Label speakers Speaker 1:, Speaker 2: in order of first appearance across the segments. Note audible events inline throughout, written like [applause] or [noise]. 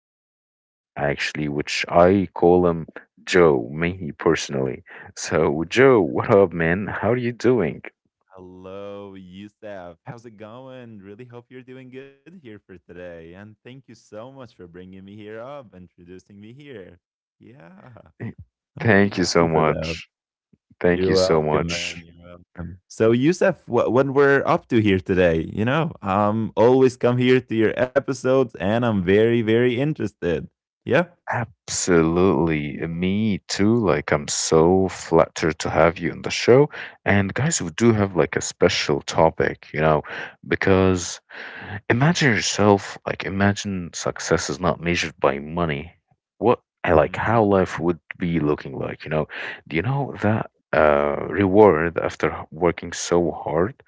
Speaker 1: Yusuf, actually, which I call him Joe, me personally. So, Joe, what up, man? How are you doing?
Speaker 2: Hello, Yusef. How's it going? Really hope you're doing good here for today. And thank you so much for bringing me here up, introducing me here. Yeah,
Speaker 1: [laughs]
Speaker 2: I'm really
Speaker 1: Thank you
Speaker 2: happy
Speaker 1: so
Speaker 2: for that.
Speaker 1: much. Thank
Speaker 2: You're
Speaker 1: you so
Speaker 2: welcome, man.
Speaker 1: much.
Speaker 2: You're welcome. So, Yusef, what we're up to here today? Always come here to your episodes, and I'm very, very interested. Yeah.
Speaker 1: Absolutely. Me too. Like, I'm so flattered to have you on the show. And guys, we do have like a special topic, because imagine yourself, like, imagine success is not measured by money. What, like,
Speaker 2: Mm-hmm.
Speaker 1: how life would be looking like, you know? Do you know that reward after working so hard?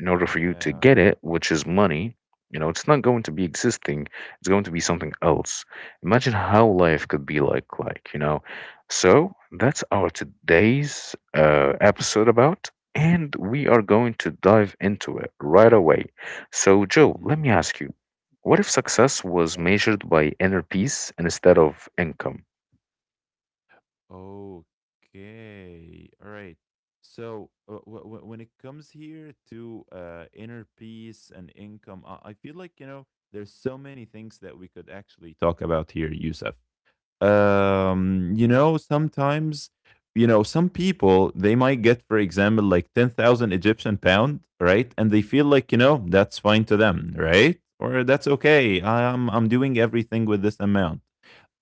Speaker 1: In order for you to
Speaker 2: Yeah.
Speaker 1: get it, which is money, you know, it's not going to be existing. It's going to be something else. Imagine how life could be like you know. So that's our today's episode about, and we are going to dive into it right away. So, Joe, let
Speaker 2: Mhm.
Speaker 1: me ask you, what if success was
Speaker 2: Yeah.
Speaker 1: measured by inner peace instead of income?
Speaker 2: Okay. All right. When it comes here to inner peace and income, I feel like there's so many things that we could actually talk about here, Yusuf. You know, sometimes you know, some people they might get, for example, like 10,000 Egyptian pound, right? And they feel like, you know, that's fine to them, right? Or that's okay. I'm doing everything with this amount.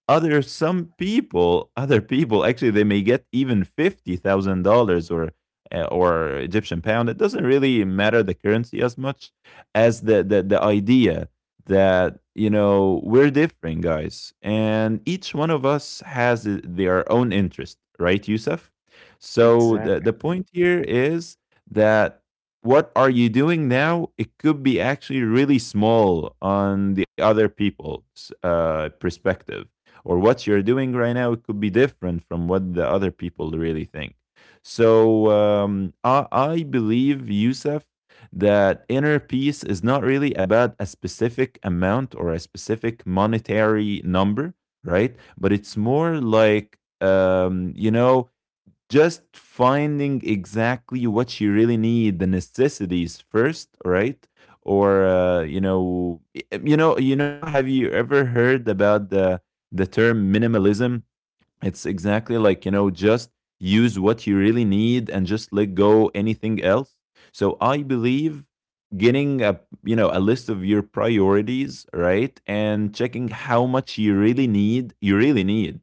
Speaker 2: Other people actually, they may get even $50,000 or Egyptian pound. It doesn't really matter the currency as much as the idea that, you know, we're different guys and each one of us has their own interest, right, Yusuf? So the,
Speaker 1: Exactly,
Speaker 2: the point here is that what are you doing now? It could be actually really small on the other people's perspective, or what you're doing right now, it could be different from what the other people really think. So I believe, Yusuf, that inner peace is not really about a specific amount or a specific monetary number, right? But it's more like, you know, just finding exactly what you really need, the necessities first, right? Or have you ever heard about the term minimalism? It's exactly like, you know, just use what you really need and just let go anything else. So I believe getting a, you know, a list of your priorities, right, and checking how much you really need,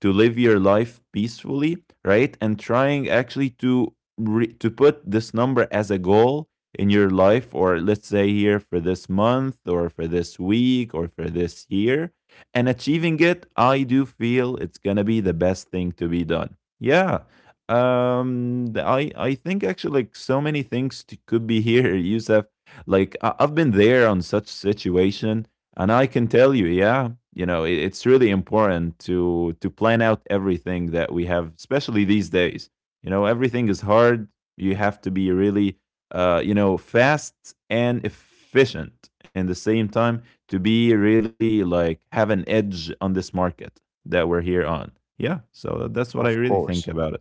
Speaker 2: to live your life peacefully, right, and trying actually to to put this number as a goal in your life, or let's say here for this month or for this week or for this year, and achieving it, I do feel it's gonna be the best thing to be done. Yeah. I think actually like so many things could be here, [laughs] Yusuf. Like I've been there on such situation, and I can tell you, yeah, you know, it- it's really important to plan out everything that we have, especially these days. You know, everything is hard. You have to be really, you know, fast and efficient in the same time to be really like have an edge on this market that we're here on. Yeah, so that's what I
Speaker 1: of
Speaker 2: really think
Speaker 1: course.
Speaker 2: about it.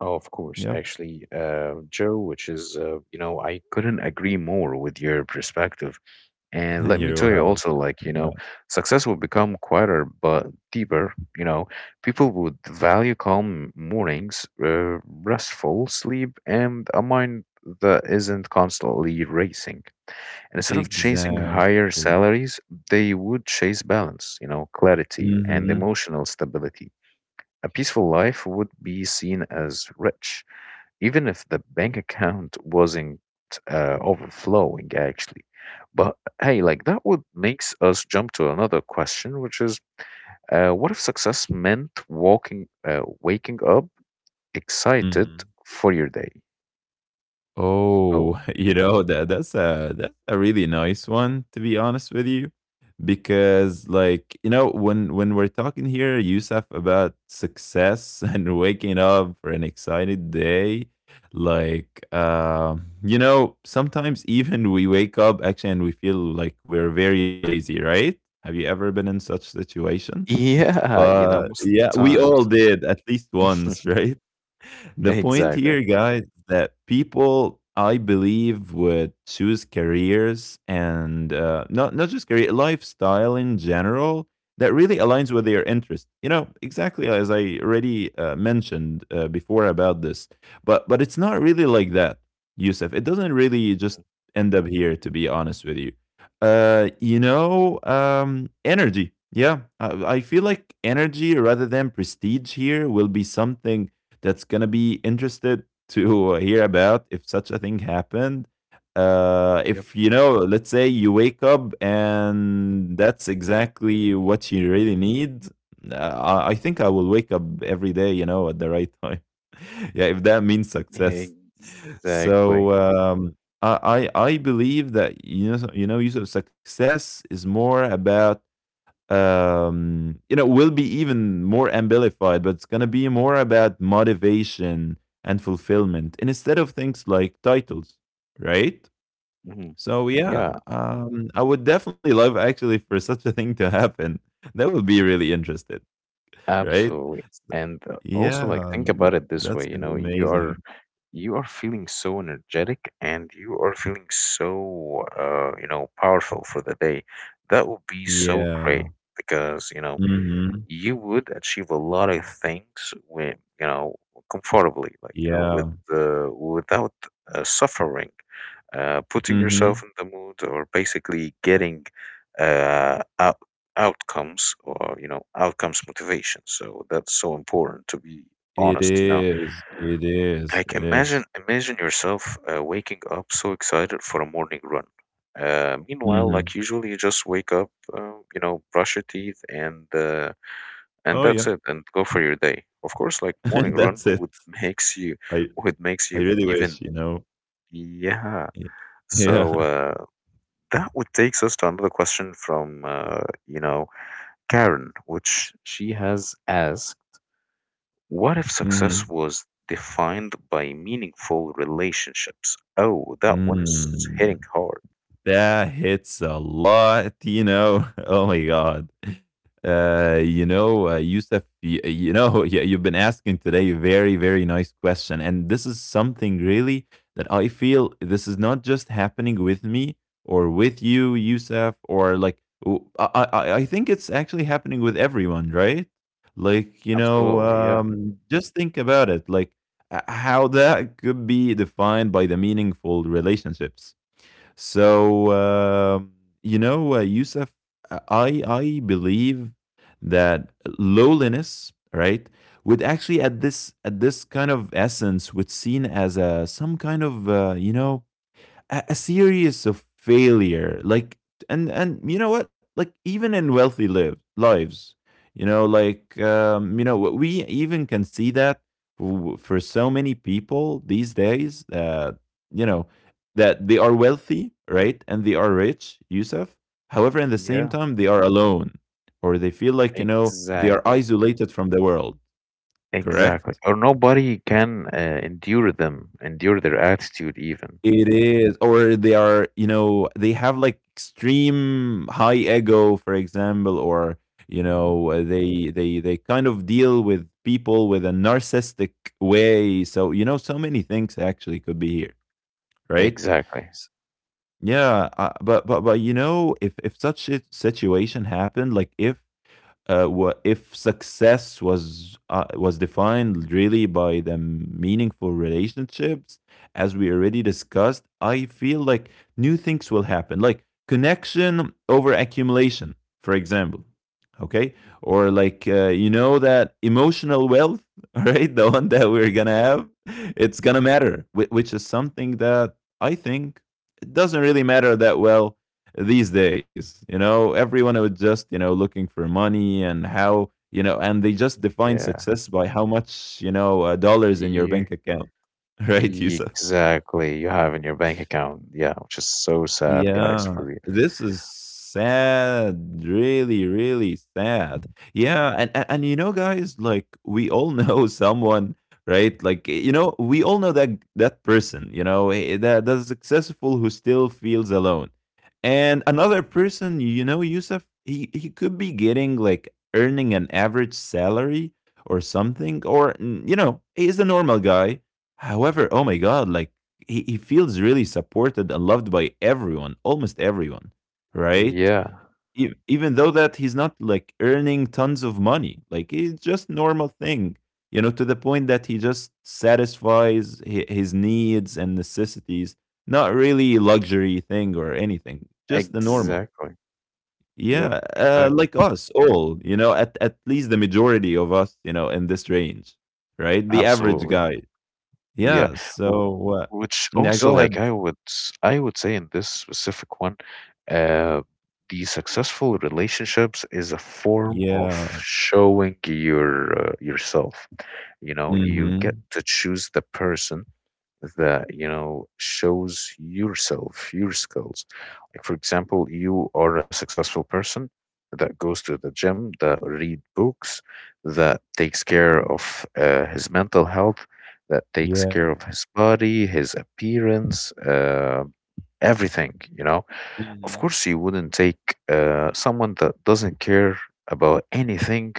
Speaker 1: Oh, of course.
Speaker 2: Yep,
Speaker 1: Actually, Joe, which is, you know, I couldn't agree more with your perspective. And
Speaker 2: [laughs]
Speaker 1: let me
Speaker 2: you're
Speaker 1: tell you
Speaker 2: welcome.
Speaker 1: also,
Speaker 2: You're
Speaker 1: like, you
Speaker 2: welcome.
Speaker 1: know, success will become quieter but deeper. You know, people would value calm mornings, restful sleep, and a mind that isn't constantly racing. And instead of chasing higher
Speaker 2: Exactly.
Speaker 1: salaries, they would chase balance, you know, clarity and
Speaker 2: Hmm.
Speaker 1: emotional stability. A peaceful life would be seen as rich even if the bank account wasn't overflowing actually. But hey, like that would makes us jump to another question, which is what if success meant walking waking up excited
Speaker 2: Hmm.
Speaker 1: for your day?
Speaker 2: Oh,
Speaker 1: Oh.
Speaker 2: [laughs] you know, that's a really nice one, to be honest with you. Because like, you know, when we're talking here, Yusuf, about success, [laughs] and waking up for an excited day, like you know, sometimes even we wake up actually and we feel like we're very lazy, right? Have you ever been in such situation?
Speaker 1: [laughs] Yeah, you know,
Speaker 2: But
Speaker 1: most of
Speaker 2: yeah,
Speaker 1: the
Speaker 2: we
Speaker 1: times.
Speaker 2: all did at least once. [laughs]
Speaker 1: [laughs]
Speaker 2: Right? The point
Speaker 1: Exactly.
Speaker 2: here, guys, that people I believe would choose careers and, not just career, lifestyle in general, that really aligns with their interest. You know, exactly as I already mentioned before about this, but it's not really like that, Yusuf. It doesn't really just end up here, to be honest with you. Energy. Yeah, I feel like energy rather than prestige here will be something that's gonna be interested to [laughs] hear about if such a thing happened.
Speaker 1: Yep.
Speaker 2: If, you know, let's say you wake up and that's exactly what you really need. I think I will wake up every day, you know, at the right time. [laughs] Yeah, if that means success. So
Speaker 1: Exactly.
Speaker 2: I believe that, Yusuf, success is more about, will be even more amplified, but it's going to be more about motivation and fulfillment instead of things like titles, right?
Speaker 1: Hmm.
Speaker 2: So yeah,
Speaker 1: Yeah,
Speaker 2: I would definitely love actually for such a thing to happen. That would be really interested, right?
Speaker 1: absolutely. And also, like,
Speaker 2: Yeah,
Speaker 1: think about it this way,
Speaker 2: that's
Speaker 1: you
Speaker 2: going
Speaker 1: know,
Speaker 2: to be amazing.
Speaker 1: you are feeling so energetic and you are feeling so you know, powerful for the day. That would be so great
Speaker 2: Yeah.
Speaker 1: because, you know,
Speaker 2: Mhm.
Speaker 1: you would achieve a lot of things when you know comfortably like you know
Speaker 2: Yeah.
Speaker 1: with without suffering putting yourself
Speaker 2: Mhm.
Speaker 1: in the mood or basically getting uh, out- outcomes or you know outcomes motivation. So that's so important to be
Speaker 2: It
Speaker 1: honest you know.
Speaker 2: is, it is,
Speaker 1: Like
Speaker 2: it
Speaker 1: imagine,
Speaker 2: is.
Speaker 1: imagine yourself waking up so excited for a morning run, meanwhile like
Speaker 2: Mhm.
Speaker 1: usually you just wake up, you know, brush your teeth
Speaker 2: Oh
Speaker 1: and
Speaker 2: yeah.
Speaker 1: that's it and go for your day. Of course like morning
Speaker 2: [laughs]
Speaker 1: run
Speaker 2: That's it.
Speaker 1: would makes you,
Speaker 2: I
Speaker 1: would makes
Speaker 2: I
Speaker 1: you
Speaker 2: really
Speaker 1: even,
Speaker 2: wish, you know?
Speaker 1: yeah.
Speaker 2: Y Yeah.
Speaker 1: So
Speaker 2: [laughs]
Speaker 1: that would takes us to another question from you know Karen, which she has asked, what if success
Speaker 2: Mhm.
Speaker 1: was defined by meaningful relationships? Oh, that one is hitting
Speaker 2: Mm.
Speaker 1: hard.
Speaker 2: That hits a lot, you know? [laughs] Oh my god. You know, Yusuf, [laughs] yeah, you've been asking today a very, very nice question. And this is something really that I feel this is not just happening with me or with you, Yusuf, or like, I think it's actually happening with everyone, right? Like, you know,
Speaker 1: Absolutely, yeah.
Speaker 2: just think about it, like how that could be defined by the meaningful relationships. So you know, Yusuf, I believe that lowliness, right, would actually at this kind of essence would seen as a some kind of you know, a series of failure. Like, and you know what, like even in wealthy lives, you know, like, we even can see that for so many people these days that, you know, that they are wealthy, right, and they are rich, Yusuf. However, in the same
Speaker 1: Yeah,
Speaker 2: time, they are alone, or they feel like, you know, they are
Speaker 1: exactly.
Speaker 2: isolated from the world.
Speaker 1: Exactly.
Speaker 2: Correct.
Speaker 1: Or nobody can endure them, endure their attitude even.
Speaker 2: It is, or they are, you know, they have like extreme high ego, for example, or you know, they kind of deal with people with a narcissistic way. So you know, so many things actually could be here, right?
Speaker 1: Exactly.
Speaker 2: S- Yeah, but you know, if such a situation happened, like if if success was defined really by the meaningful relationships, as we already discussed, I feel like new things will happen, like connection over accumulation, for example. Okay. Or like, you know, that emotional wealth, [laughs] all right, the one that we're gonna have, it's gonna matter, which is something that I think it doesn't really matter that well these days. You know, everyone was just, you know, looking for money and how, you know, and they just define
Speaker 1: Yeah.
Speaker 2: success by how much, you know, dollars in your
Speaker 1: You
Speaker 2: bank account, [laughs] right, Yusuf?
Speaker 1: exactly, you have in your bank account. Yeah, which is so sad, guys,
Speaker 2: Yeah,
Speaker 1: for real.
Speaker 2: this is sad, really, really sad. Yeah, and you know, guys, like we all know [laughs] someone, right? Like eh, you know, we all know that that person, you know, eh, that's successful, who still feels alone. And another person, you know, Yusuf, he could be getting like earning an average salary or something, or mm, you know, he's a normal guy. However, oh my God, like he feels really supported and loved by everyone, almost everyone, right?
Speaker 1: Yeah,
Speaker 2: Even though that he's not like earning tons of money, like it's just normal thing, you know, to the point that he just satisfies his needs and necessities, not really luxury thing or anything, just the normal.
Speaker 1: exactly. Yep,
Speaker 2: Yeah,
Speaker 1: exactly.
Speaker 2: like us all, you know, at least the majority of us, you know, in this range, right? The average
Speaker 1: Absolutely.
Speaker 2: guy.
Speaker 1: Yeah,
Speaker 2: Yeah.
Speaker 1: wh-
Speaker 2: So
Speaker 1: which
Speaker 2: yeah,
Speaker 1: also
Speaker 2: go
Speaker 1: like
Speaker 2: ahead.
Speaker 1: I would say in this specific one, uh, the successful relationships is a form of
Speaker 2: Yeah.
Speaker 1: showing your yourself. You know, you get
Speaker 2: Mhm.
Speaker 1: to choose the person that you know shows yourself your skills, like for example you are a successful person that goes to the gym, that read books, that takes care of his mental health, that takes
Speaker 2: Yeah.
Speaker 1: care of his body, his appearance, everything you know. Of
Speaker 2: Mhm.
Speaker 1: course you wouldn't take someone that doesn't care about anything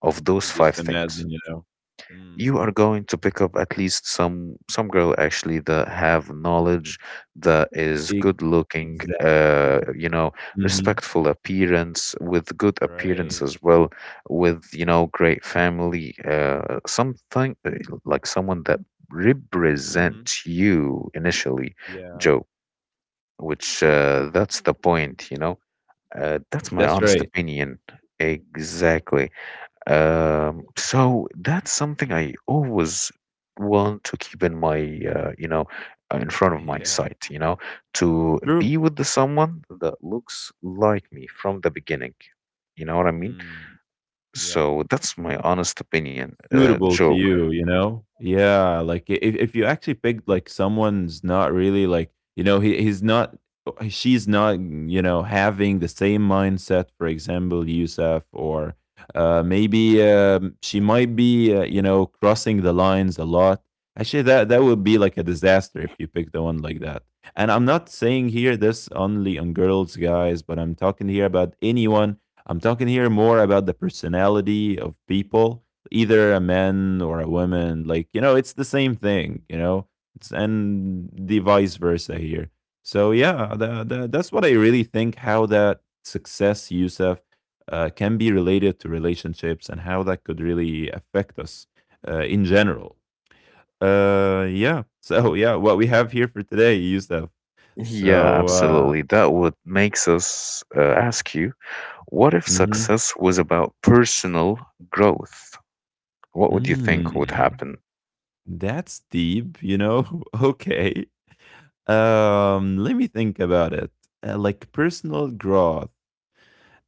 Speaker 1: of
Speaker 2: I
Speaker 1: those
Speaker 2: just
Speaker 1: five things.
Speaker 2: imagine, you know. Mm.
Speaker 1: You are going to pick up at least some girl actually that have knowledge, that is
Speaker 2: Ex
Speaker 1: good looking,
Speaker 2: Exactly.
Speaker 1: you know,
Speaker 2: Mhm.
Speaker 1: respectful appearance with good appearance
Speaker 2: Right.
Speaker 1: as well, with you know great family, something, like someone that
Speaker 2: Mhm.
Speaker 1: represents you initially,
Speaker 2: Yeah.
Speaker 1: Joe, which
Speaker 2: Yep.
Speaker 1: uh that's the point you know. That's my
Speaker 2: That's
Speaker 1: honest
Speaker 2: right.
Speaker 1: opinion. Exactly. So that's something
Speaker 2: Mhm.
Speaker 1: I always want to keep in my, you know, in front of my
Speaker 2: [laughs] Yeah.
Speaker 1: sight, you know, to
Speaker 2: True.
Speaker 1: be with the someone that looks like me from the beginning. You know what I mean?
Speaker 2: Mm. Yeah.
Speaker 1: So that's my honest opinion,
Speaker 2: Suitable to
Speaker 1: Joe.
Speaker 2: you, you know? Yeah, like I if you actually picked like someone's not really like, you know, he he's not she's not, mm, you know, having the same mindset, for example, Yusuf, or maybe she might be, you know, crossing the lines a lot. Actually, that would be like a disaster if you pick the one like that. And I'm not saying here this only on girls, guys, but I'm talking here about anyone. I'm talking here more about the personality of people, either a man or a woman. Like, you know, it's the same thing, you know, it's, and the vice versa here. So yeah, that's what I really think, how that success, Youssef, can be related to relationships and how that could really affect us in general. Yeah. [laughs] So yeah, what we have here for today, Youssef?
Speaker 1: Yeah,
Speaker 2: So
Speaker 1: absolutely. That would makes us ask you, what if
Speaker 2: mhm.
Speaker 1: success was about personal growth? What would you think would
Speaker 2: Mm,
Speaker 1: happen?
Speaker 2: that's deep, you know. [laughs] Okay. Let me think about it. Like personal growth.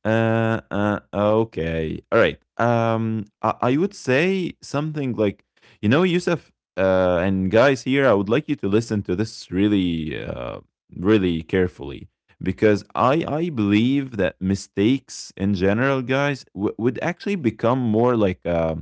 Speaker 2: Okay. All right. I would say something like, you know, Yusuf, and guys here, I would like you to listen to this really, really carefully because I believe that mistakes in general, guys, would actually become more like,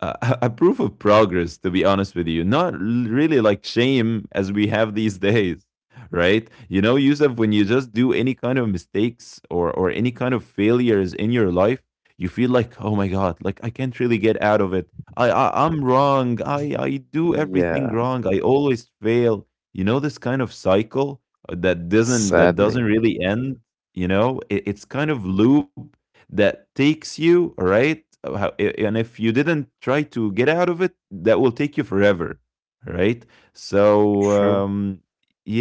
Speaker 2: a proof of progress, to be honest with you. Not really like shame as we have these [laughs] days, right? You know, Yusuf, when you just do any kind of mistakes or any kind of failures in your life, you feel like, oh my God, like I can't really get out of it. I'm wrong. I do everything
Speaker 1: Yeah,
Speaker 2: wrong. I always fail. You know, this kind of cycle that doesn't
Speaker 1: sadly.
Speaker 2: really end. You know, it's kind of loop that takes you right. And if you didn't try to get out of it, that will take you forever, right? So
Speaker 1: True.
Speaker 2: um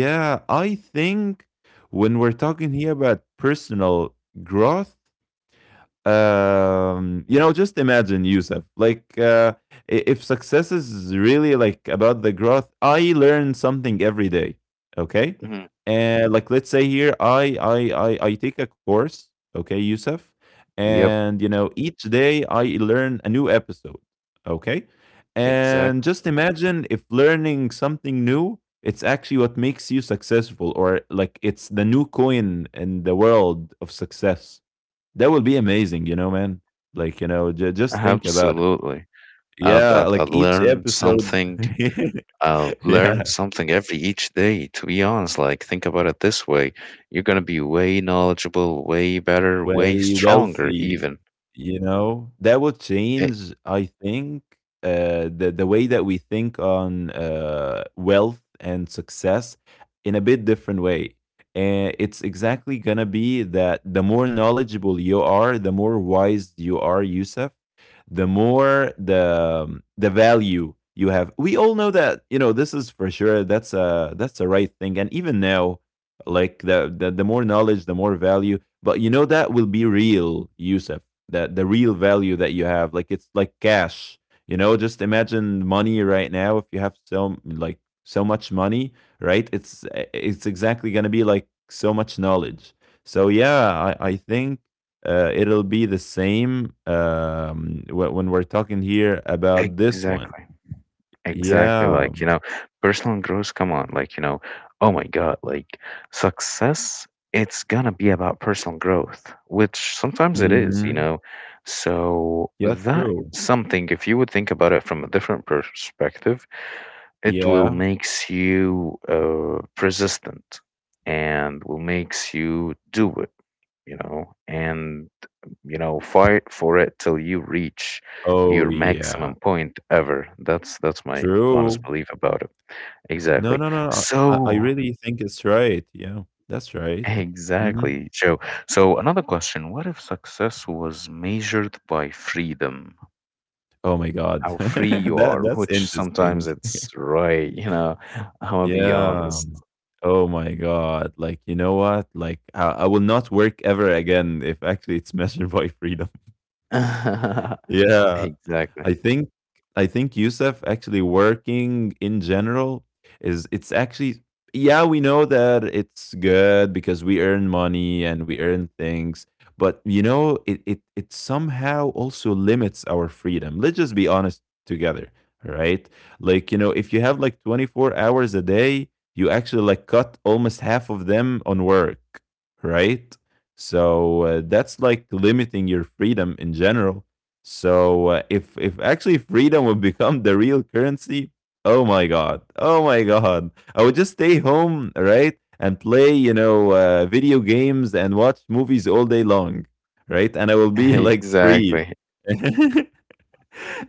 Speaker 2: yeah, I think when we're talking here about personal growth, you know, just imagine Yusuf, like, if success is really like about the growth, I learn something every day. Okay.
Speaker 1: Mhm.
Speaker 2: And like, let's say here, I take a course. Okay, Yusuf,
Speaker 1: Yep.
Speaker 2: and you know, each day I learn a new episode. Okay. And
Speaker 1: Exactly.
Speaker 2: just imagine if learning something new, it's actually what makes you successful, or like it's the new coin in the world of success. That will be amazing, you know, man. Like, you know, just think about it.
Speaker 1: Absolutely.
Speaker 2: Yeah,
Speaker 1: That I
Speaker 2: like each
Speaker 1: learn
Speaker 2: episode.
Speaker 1: something.
Speaker 2: [laughs]
Speaker 1: I will learn
Speaker 2: Yeah,
Speaker 1: something every each day. To be honest, like think about it this way: you're gonna be way knowledgeable, way better, way
Speaker 2: way
Speaker 1: stronger,
Speaker 2: wealthy,
Speaker 1: even.
Speaker 2: you know. That will
Speaker 1: E-
Speaker 2: change, I think, the way that we think on, wealth and success in a bit different way. And it's exactly gonna be that the more knowledgeable you are, the more wise you are, Yusuf, the more the value you have. We all know that, you know, this is for sure. That's a right thing. And even now, like the more knowledge, the more value. But you know that will be real, Yusuf. That the real value that you have, like it's like cash. You know, just imagine money right now. If you have so like so much money, right? It's exactly gonna be like so much knowledge. So yeah, I think it'll be the same, when we're talking here about this one.
Speaker 1: exactly. Exactly,
Speaker 2: Yeah.
Speaker 1: like, you know, personal growth, come on, like, you know, oh my God, like, success, it's gonna be about personal growth, which sometimes it is,
Speaker 2: Hmm.
Speaker 1: you know. So,
Speaker 2: Yeah,
Speaker 1: that
Speaker 2: true.
Speaker 1: something, if you would think about it from a different perspective, it will
Speaker 2: Yeah.
Speaker 1: makes you persistent and will makes you do it, you know, and you know, fight for it till you reach
Speaker 2: Oh,
Speaker 1: your
Speaker 2: yeah.
Speaker 1: maximum point ever. That's my honest
Speaker 2: True.
Speaker 1: belief about it.
Speaker 2: No,
Speaker 1: Exactly.
Speaker 2: no, no, no. I
Speaker 1: So,
Speaker 2: really think it's right. Yeah, that's
Speaker 1: [laughs]
Speaker 2: right. Hmm.
Speaker 1: exactly, Joe. So, another question, what if success was measured by freedom?
Speaker 2: Oh my God.
Speaker 1: How free
Speaker 2: [laughs]
Speaker 1: you are,
Speaker 2: That's
Speaker 1: which sometimes
Speaker 2: interesting.
Speaker 1: it's right, you know. [laughs] I'm gonna be
Speaker 2: Yeah.
Speaker 1: honest.
Speaker 2: Oh my God. Like, you know what? Like, I will not work ever again if actually it's [laughs] measured by freedom.
Speaker 1: [laughs]
Speaker 2: Yeah.
Speaker 1: Exactly.
Speaker 2: I think I think Yusuf actually working in general is it's actually, yeah, we know that it's good because we earn money and we earn things, but you know, it somehow also limits our freedom. Let's just be honest together, right? Like, you know, if you have like 24 hours a day, you actually like cut almost half of them on work, right? So that's like limiting your freedom in general. So if actually freedom would become the real currency, oh my God, oh my God, I would just stay home, right, and play, you know, video games and watch movies all day long, right, and I will be like free.
Speaker 1: Exactly.
Speaker 2: [laughs]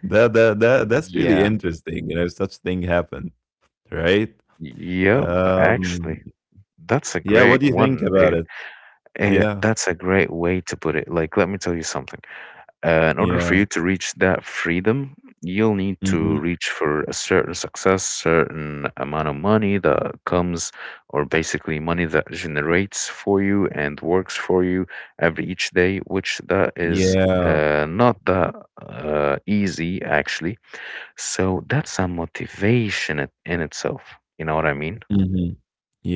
Speaker 2: That's really
Speaker 1: Yeah.
Speaker 2: interesting, you know, such thing happened, right?
Speaker 1: Yep.
Speaker 2: Um,
Speaker 1: Actually, that's a
Speaker 2: yeah, what
Speaker 1: great
Speaker 2: do you
Speaker 1: one.
Speaker 2: think about it? Yeah,
Speaker 1: That's a great way to put it. Like, let me tell you something. In order for
Speaker 2: yeah,
Speaker 1: you to reach that freedom, you'll need to
Speaker 2: hmm,
Speaker 1: reach for a certain success, certain amount of money that comes, or basically money that generates for you and works for you every each day, which that is
Speaker 2: yeah,
Speaker 1: not that easy actually. So that's a motivation in itself. You know what I mean?
Speaker 2: hmm,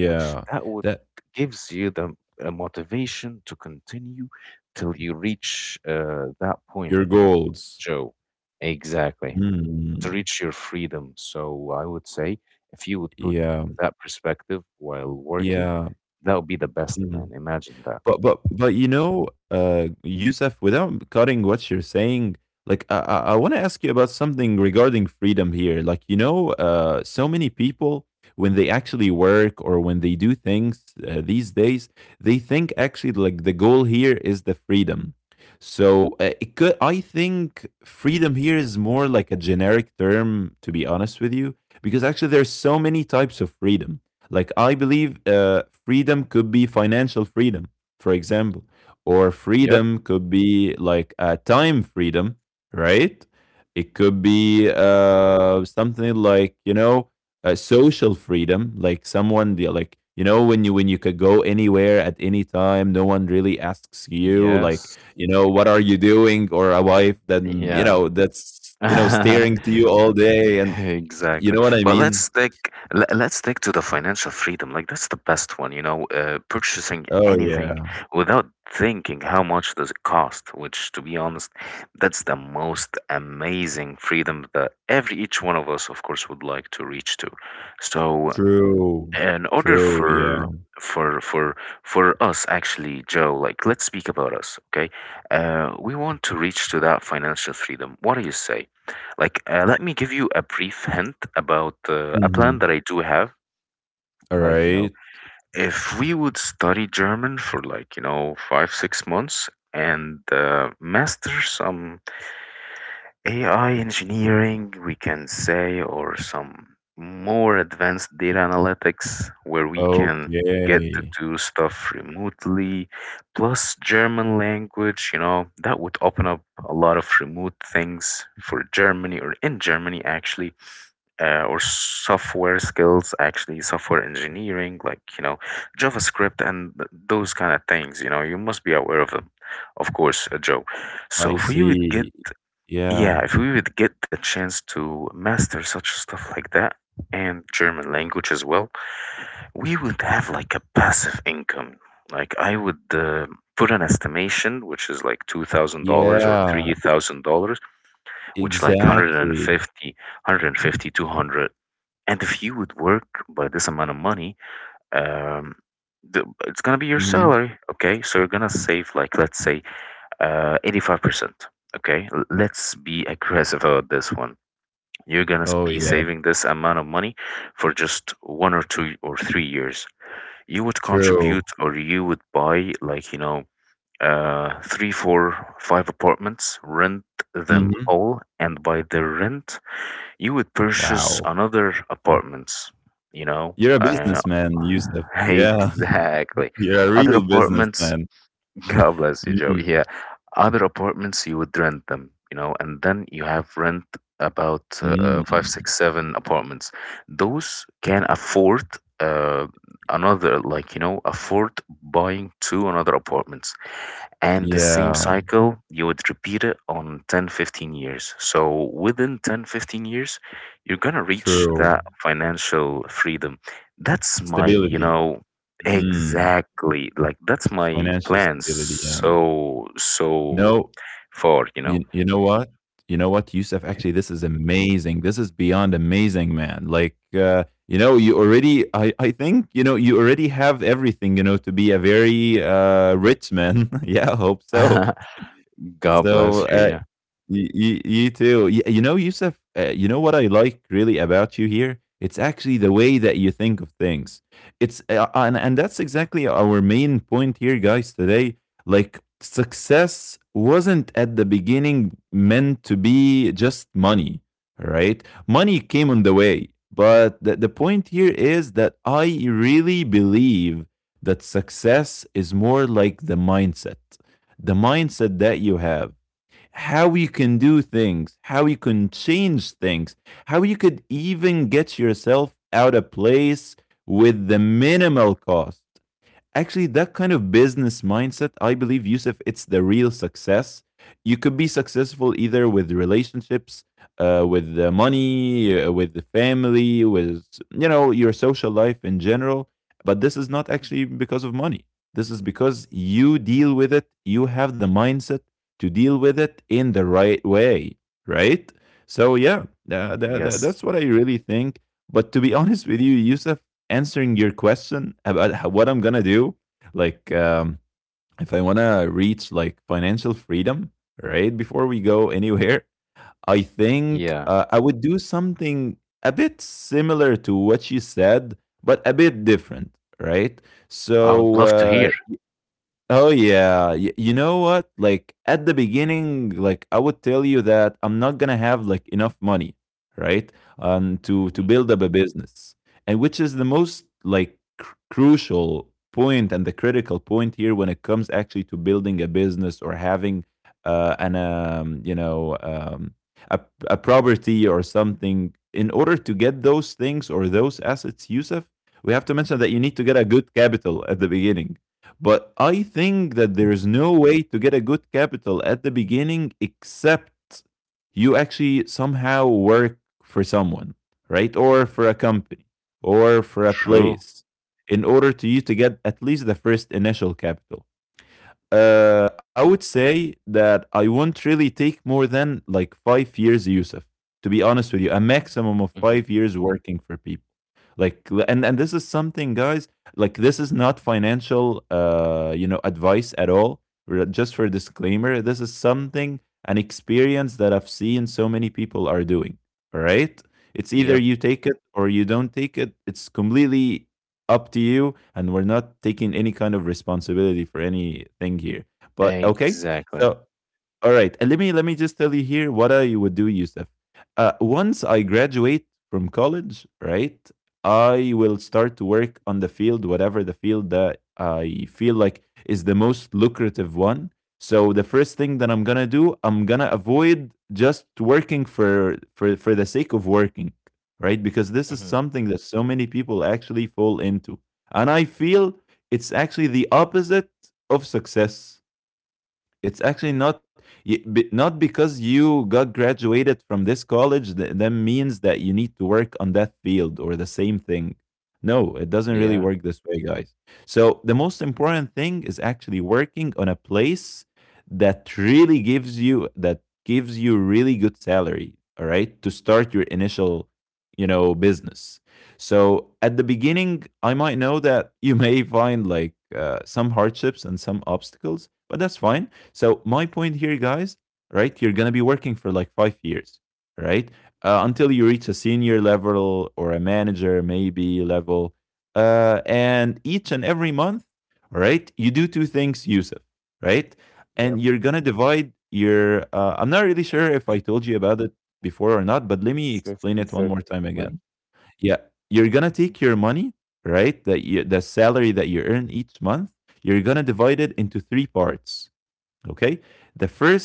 Speaker 1: Which that would
Speaker 2: That
Speaker 1: gives you the motivation to continue till you reach that point,
Speaker 2: your goals.
Speaker 1: Joe. Exactly, to
Speaker 2: Mm.
Speaker 1: reach your freedom. So I would say if you would put
Speaker 2: Yeah.
Speaker 1: that perspective while working,
Speaker 2: Yeah.
Speaker 1: that would be the best, man.
Speaker 2: Mhm.
Speaker 1: Imagine that.
Speaker 2: But you know, Yusuf, without cutting what you're saying, like I want to ask you about something regarding freedom here. Like, you know, so many people when they actually work or when they do things, these days, they think actually like the goal here is the freedom. So it could, I think freedom here is more like a generic term, to be honest with you, because actually there's so many types of freedom. Like I believe, freedom could be financial freedom, for example. Or
Speaker 1: Yep.
Speaker 2: freedom could be like a time freedom, right? It could be, something like, you know, a social freedom, like someone like, you know, when you could go anywhere at any time, no one really asks you, like,
Speaker 1: Yes.
Speaker 2: you know, what are you doing, or a wife that, you
Speaker 1: Yeah.
Speaker 2: know, that's, you know, staring to
Speaker 1: [laughs]
Speaker 2: you all day,
Speaker 1: [laughs]
Speaker 2: and you
Speaker 1: Exactly.
Speaker 2: know what I
Speaker 1: But let's
Speaker 2: mean.
Speaker 1: stick le- let's stick to the financial freedom. Like that's the best one, you know, purchasing
Speaker 2: Oh
Speaker 1: anything
Speaker 2: yeah,
Speaker 1: without thinking how much does it cost, which to be honest, that's the most amazing freedom that every each one of us of course would like to reach to. So
Speaker 2: true,
Speaker 1: in order
Speaker 2: true, yeah.
Speaker 1: for for for us actually, Joe, like let's speak about us, okay. We want to reach to that financial freedom. What do you say? Like let me give you a brief hint about a plan
Speaker 2: Mm-hmm.
Speaker 1: that I do have.
Speaker 2: All
Speaker 1: Like you know,
Speaker 2: right.
Speaker 1: if we would study German for like you know 5-6 months and master some AI engineering, we can say, or some more advanced data analytics where we can get to
Speaker 2: Okay,
Speaker 1: do stuff remotely, plus German language, you know, that would open up a lot of remote things for Germany or in Germany actually, or software skills, actually, software engineering, like, you know, JavaScript and those kind of things, you know, you must be aware of them, of course, Joe.
Speaker 2: I
Speaker 1: So for you, it get
Speaker 2: see. Yeah.
Speaker 1: yeah, if we would get the chance to master such stuff like that and German language as well, we would have like a passive income. Like I would put an estimation, which is like $2,000 or
Speaker 2: Yeah,
Speaker 1: $3,000, which like
Speaker 2: exactly.
Speaker 1: 150. And if you would work by this amount of money, um, it's gonna be your
Speaker 2: Mhm.
Speaker 1: salary, okay? So you're gonna save like let's say 85%. Okay, let's be aggressive about this one. You're gonna
Speaker 2: Oh,
Speaker 1: be
Speaker 2: yeah,
Speaker 1: saving this amount of money for just 1 or 2 or 3 years. You would
Speaker 2: true.
Speaker 1: contribute or you would buy, like, you know, three, four, five apartments, rent them
Speaker 2: Mhm.
Speaker 1: all, and by the rent, you would purchase
Speaker 2: Wow.
Speaker 1: another
Speaker 2: Yeah.
Speaker 1: apartments, you know,
Speaker 2: You're a businessman, Yusuf.
Speaker 1: [laughs]
Speaker 2: Yeah,
Speaker 1: exactly.
Speaker 2: [laughs] you're a
Speaker 1: Other
Speaker 2: real
Speaker 1: apartments,
Speaker 2: businessman.
Speaker 1: [laughs] God bless you, Joe.
Speaker 2: Mhm.
Speaker 1: Yeah, other apartments you would rent them, you know, and then you have rent about five,
Speaker 2: Mm.
Speaker 1: six, seven apartments. Those can afford uh, another, like you know, afford buying two another apartments, and the same
Speaker 2: Yeah,
Speaker 1: cycle you would repeat it on 10, 15 years. So within 10, 15 years you're gonna reach
Speaker 2: true.
Speaker 1: that financial freedom. That's my you
Speaker 2: Stability.
Speaker 1: know,
Speaker 2: Mm.
Speaker 1: exactly, like that's my
Speaker 2: Financial
Speaker 1: plan.
Speaker 2: stability, yeah.
Speaker 1: so so
Speaker 2: No,
Speaker 1: far you know.
Speaker 2: you you know what? You know what, Youssef? Actually, this is amazing. This is beyond amazing, man. Like, you know, you already, I think, you know, you already have everything, you know, to be a very, rich man. [laughs] Yeah, I hope so.
Speaker 1: [laughs] God
Speaker 2: So
Speaker 1: bless you. Yeah.
Speaker 2: you too. You know, Yusuf, you know what I like really about you here? It's actually the way that you think of things. It's And that's exactly our main point here, guys, today. Like, success wasn't at the beginning meant to be just money, right? Money came on the way. But the point here is that I really believe that success is more like the mindset that you have, how you can do things, how you can change things, how you could even get yourself out of place with the minimal cost. Actually, that kind of business mindset, I believe, Yusuf, it's the real success. You could be successful either with relationships, with the money, with the family, with, you know, your social life in general. But this is not actually because of money. This is because you deal with it. You have the mindset to deal with it in the right way, right? So yeah,
Speaker 1: Yes.
Speaker 2: that's what I really think. But to be [laughs] honest with you, Yusuf, answering your question about how, what I'm gonna do, like, if I wanna reach like financial freedom, right? Before we go anywhere, I think,
Speaker 1: Yeah.
Speaker 2: I would do something a bit similar to what you said, but a bit different, right?
Speaker 1: I would
Speaker 2: So,
Speaker 1: love to hear.
Speaker 2: oh yeah, you know what? Like at the beginning, like I would tell you that I'm not gonna have like enough money, right? To
Speaker 1: Hmm.
Speaker 2: build up a business, and which is the most like crucial point and the critical point here when it comes actually to building a business or having, an, you know, a a property or something. In order to get those things or those assets, Yusuf, we have to mention that you need to get a good capital at the beginning, but I think that there is no way to get a good capital at the beginning except you actually somehow work for someone, right? Or for a company or for a
Speaker 1: True.
Speaker 2: place in order to you to get at least the first initial capital. I would say that I won't really take more than like 5 years, Yusuf. To be honest with you, a maximum of
Speaker 1: Hmm.
Speaker 2: 5 years working for people. Like, and this is something, guys. Like, this is not financial, you know, advice at all. Just for disclaimer, this is something, an experience that I've seen so many people are doing. All right, it's either
Speaker 1: Yep.
Speaker 2: you take it or you don't take it. It's completely up to you, and we're not taking any kind of responsibility for anything here. But okay,
Speaker 1: Exactly.
Speaker 2: so all right, and let me just tell you here what I would do, Yusuf. Once I graduate from college, right, I will start to work on the field, whatever the field that I feel like is the most lucrative one. So the first thing that I'm gonna do, I'm gonna avoid just working for the sake of working, right? Because this is
Speaker 1: Hmm.
Speaker 2: something that so many people actually fall into, and I feel it's actually the opposite of success. It's actually not y- be- not because you got graduated from this college that then means that you need to work on that field or the same thing. No, it doesn't really
Speaker 1: Yeah.
Speaker 2: work this way, guys. So the most important thing is actually working on a place that gives you really good salary, all right, to start your initial, you know, business. So at the beginning, I might know that you may find like, some hardships and some obstacles, but that's fine. So my point here, guys, right? You're gonna be working for like 5 years, right? Until you reach a senior level or a manager maybe level. And each and every month, right? You do two things, Yusuf, right? And
Speaker 1: Yep.
Speaker 2: you're gonna divide your. I'm not really sure if I told you about it before or not, but let me explain
Speaker 1: 50,
Speaker 2: it one more
Speaker 1: 30,
Speaker 2: time again.
Speaker 1: 20.
Speaker 2: Yeah, you're gonna take your money, right? The salary that you earn each month, you're gonna divide it into three parts. Okay, the first,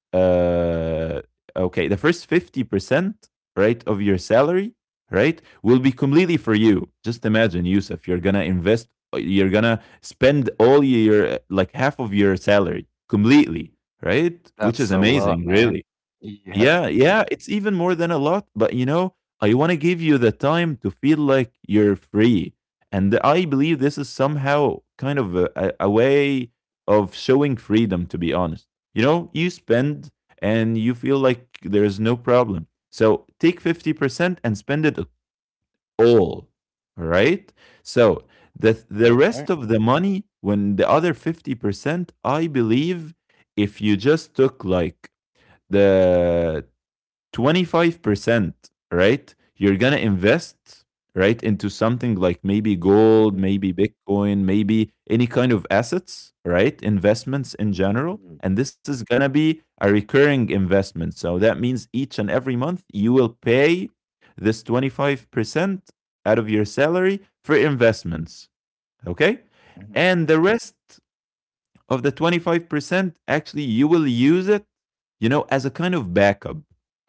Speaker 2: uh, okay, the first 50%, right, of your salary, right, will be completely for you. Just imagine, Yusuf, you're gonna spend all your like half of your salary completely, right? Which is
Speaker 1: That's a
Speaker 2: amazing,
Speaker 1: lot, man.
Speaker 2: really.
Speaker 1: Yeah.
Speaker 2: Yeah, yeah, it's even more than a lot, but you know, I want to give you the time to feel like you're free. And I believe this is somehow kind of a way of showing freedom, to be honest. You know, you spend and you feel like there is no problem. So take 50% and spend it all. All right. So the
Speaker 1: All right.
Speaker 2: rest of the money, when the other 50%, I believe if you just took like the 25%, right? You're going to invest, right, into something like maybe
Speaker 1: Mhm,
Speaker 2: gold, maybe Bitcoin, maybe any kind of assets, right? Investments in general.
Speaker 1: mhm,
Speaker 2: And this is going to be a recurring investment. So that means each and every month you will pay this 25% out of your salary for investments, okay?
Speaker 1: mhm.
Speaker 2: And the rest of the 25%, actually, you will use it, you know, as a kind of backup.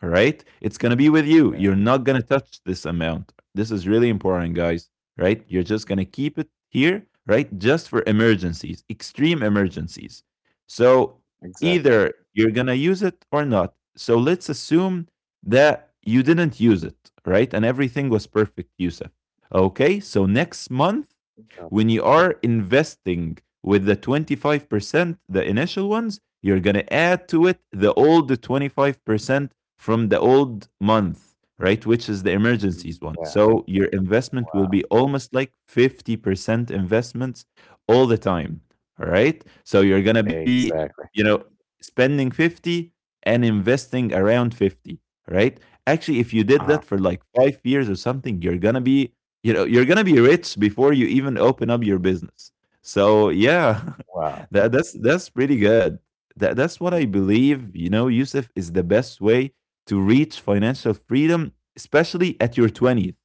Speaker 2: All right. It's going to be with you.
Speaker 1: Yeah.
Speaker 2: You're not going to touch this amount. This is really important, guys. Right. You're just going to keep it here, right? Just for emergencies, extreme emergencies. So
Speaker 1: Exactly.
Speaker 2: either you're going to use it or not. So let's assume that you didn't use it, right? And everything was perfect, Yusuf. Okay. So next month,
Speaker 1: Got you.
Speaker 2: when you are investing with the 25%, the initial ones, you're going to add to it the old 25% from the old month, right? Which is the emergencies one.
Speaker 1: Yeah.
Speaker 2: So your investment will
Speaker 1: Wow.
Speaker 2: be almost like 50% investments all the time. All right. So you're going to be,
Speaker 1: Exactly.
Speaker 2: you know, spending 50 and investing around 50. All right. Actually, if you did
Speaker 1: Uh-huh.
Speaker 2: that for like 5 years or something, you know, you're gonna be rich before you even open up your business. So yeah,
Speaker 1: Wow.
Speaker 2: [laughs] that's that's pretty good. That's what I believe, you know, Yusuf, is the best way to reach financial freedom, especially at your 20th,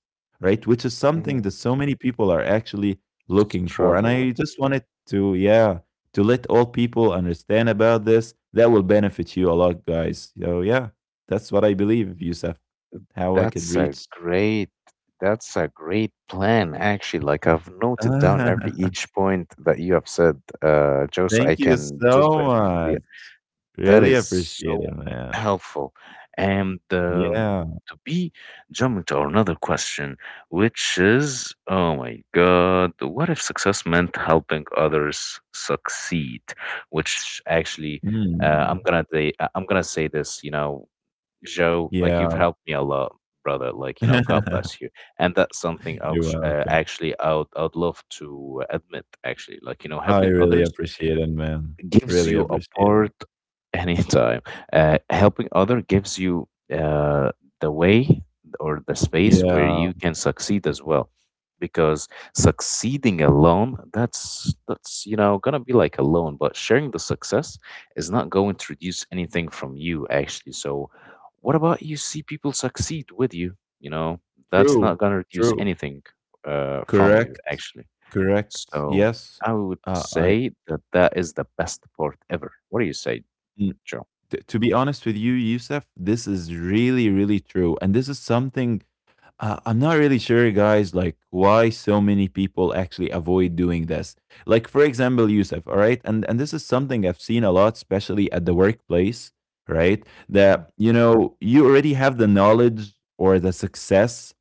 Speaker 2: right, which is something
Speaker 1: Hmm.
Speaker 2: that so many people are actually looking for. And
Speaker 1: Struggle
Speaker 2: I
Speaker 1: with.
Speaker 2: just wanted to, yeah, to let all people understand about this, that will benefit you a lot, guys. So yeah, that's what I believe, Yusuf, how I could
Speaker 1: That's a
Speaker 2: reach.
Speaker 1: great. That's a great plan, actually. Like I've noted down every
Speaker 2: [laughs]
Speaker 1: each point that you have said, Joe, so I
Speaker 2: Thank you
Speaker 1: can
Speaker 2: so
Speaker 1: do it for real.
Speaker 2: much.
Speaker 1: That
Speaker 2: Really
Speaker 1: is
Speaker 2: appreciate
Speaker 1: so
Speaker 2: it, man.
Speaker 1: helpful. And
Speaker 2: Yeah.
Speaker 1: to be jumping to another question, which is, oh my God, what if success meant helping others succeed? Which actually,
Speaker 2: Mm.
Speaker 1: I'm gonna say this, you know, Joe, like
Speaker 2: Yeah.
Speaker 1: you've helped me a lot, brother. Like you know, God
Speaker 2: [laughs]
Speaker 1: bless you. And that's something
Speaker 2: You're
Speaker 1: else,
Speaker 2: welcome.
Speaker 1: actually, I'd love to admit. Actually, like you know,
Speaker 2: I
Speaker 1: helping
Speaker 2: really
Speaker 1: others
Speaker 2: appreciate it, man.
Speaker 1: gives
Speaker 2: Really
Speaker 1: you a
Speaker 2: appreciate it.
Speaker 1: part anytime. Helping other gives you uh, the way or the space where
Speaker 2: Yeah.
Speaker 1: you can succeed as well. Because succeeding alone, that's you know gonna be like alone. But sharing the success is not going to reduce anything from you actually. So, what about you see people succeed with you? You know, that's
Speaker 2: True.
Speaker 1: not gonna reduce
Speaker 2: True.
Speaker 1: anything from you
Speaker 2: Correct.
Speaker 1: actually.
Speaker 2: Correct.
Speaker 1: So
Speaker 2: Yes.
Speaker 1: I would
Speaker 2: Uh, I.
Speaker 1: say that that is the best part ever. What do you say,
Speaker 2: mm,
Speaker 1: Joe?
Speaker 2: to be honest with you, Yusuf, this is really, really true, and this is something I'm not really sure, guys, like why so many people actually avoid doing this. Like, for example, Yusuf, all right? And this is something I've seen a lot, especially at the workplace, right? That,
Speaker 1: Mhm.
Speaker 2: you know, you already have the knowledge or the success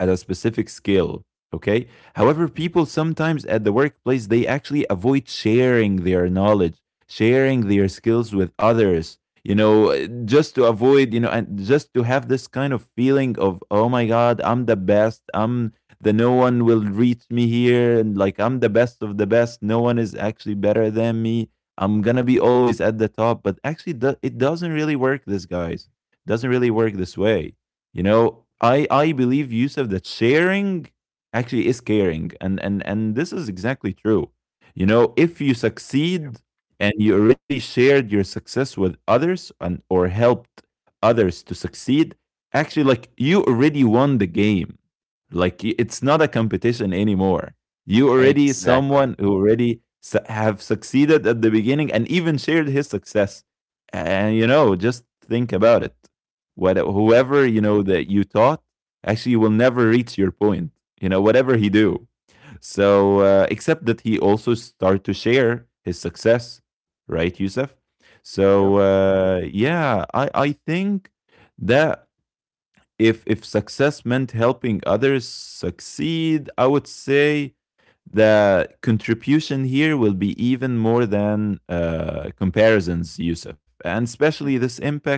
Speaker 2: at a specific skill. Okay. However, people sometimes at the workplace, they actually avoid sharing their knowledge, sharing their skills with others, you know, just to avoid, you know, and just to have this kind of feeling of, oh my God, I'm the best. I'm the No one will reach me here. And like, I'm the best of the best. No one is actually better than me. I'm going to be always at the top. But actually, it doesn't really work, this, guys. Doesn't really work this way. You know, I believe, Yusuf, that sharing actually is caring, and this is exactly true. You know, if you
Speaker 1: Yep.
Speaker 2: succeed and you already shared your success with others and or helped others to succeed, actually, like you already won the game. Like it's not a competition anymore. You already
Speaker 1: Exactly.
Speaker 2: someone who already have succeeded at the beginning and even shared his success. And you know, just think about it, what
Speaker 1: Y-
Speaker 2: whoever you know that you taught, actually you will never reach your point, you know, whatever he do. So except that he also start to share his success, right, Youssef?
Speaker 1: Yep.
Speaker 2: So yeah, I think that if success meant helping others succeed, I would say the contribution here will be even more than comparisons, Yusuf, and especially
Speaker 1: Mhm.
Speaker 2: this impact,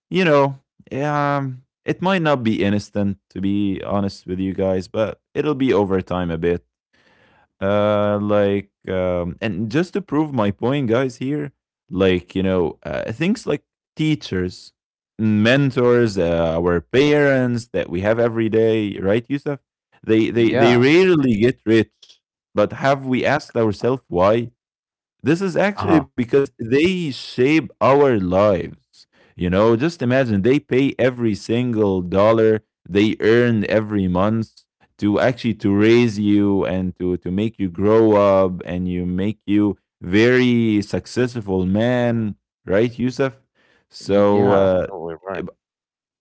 Speaker 2: you know, it might not be instant, to be honest with you, guys, but it'll be over time a bit. Like, and just to prove my point, guys, here, like, you know, things like teachers, mentors, our parents that we have every day, right, Yusuf? They
Speaker 1: Yeah.
Speaker 2: rarely get rich, but have we asked ourselves why? This is actually
Speaker 1: Uh-huh.
Speaker 2: because they shape our lives. You know, just imagine they pay every single dollar they earn every month to actually to raise you and to make you grow up and you make you very successful man, right, Yusuf? So
Speaker 1: Yeah, absolutely right.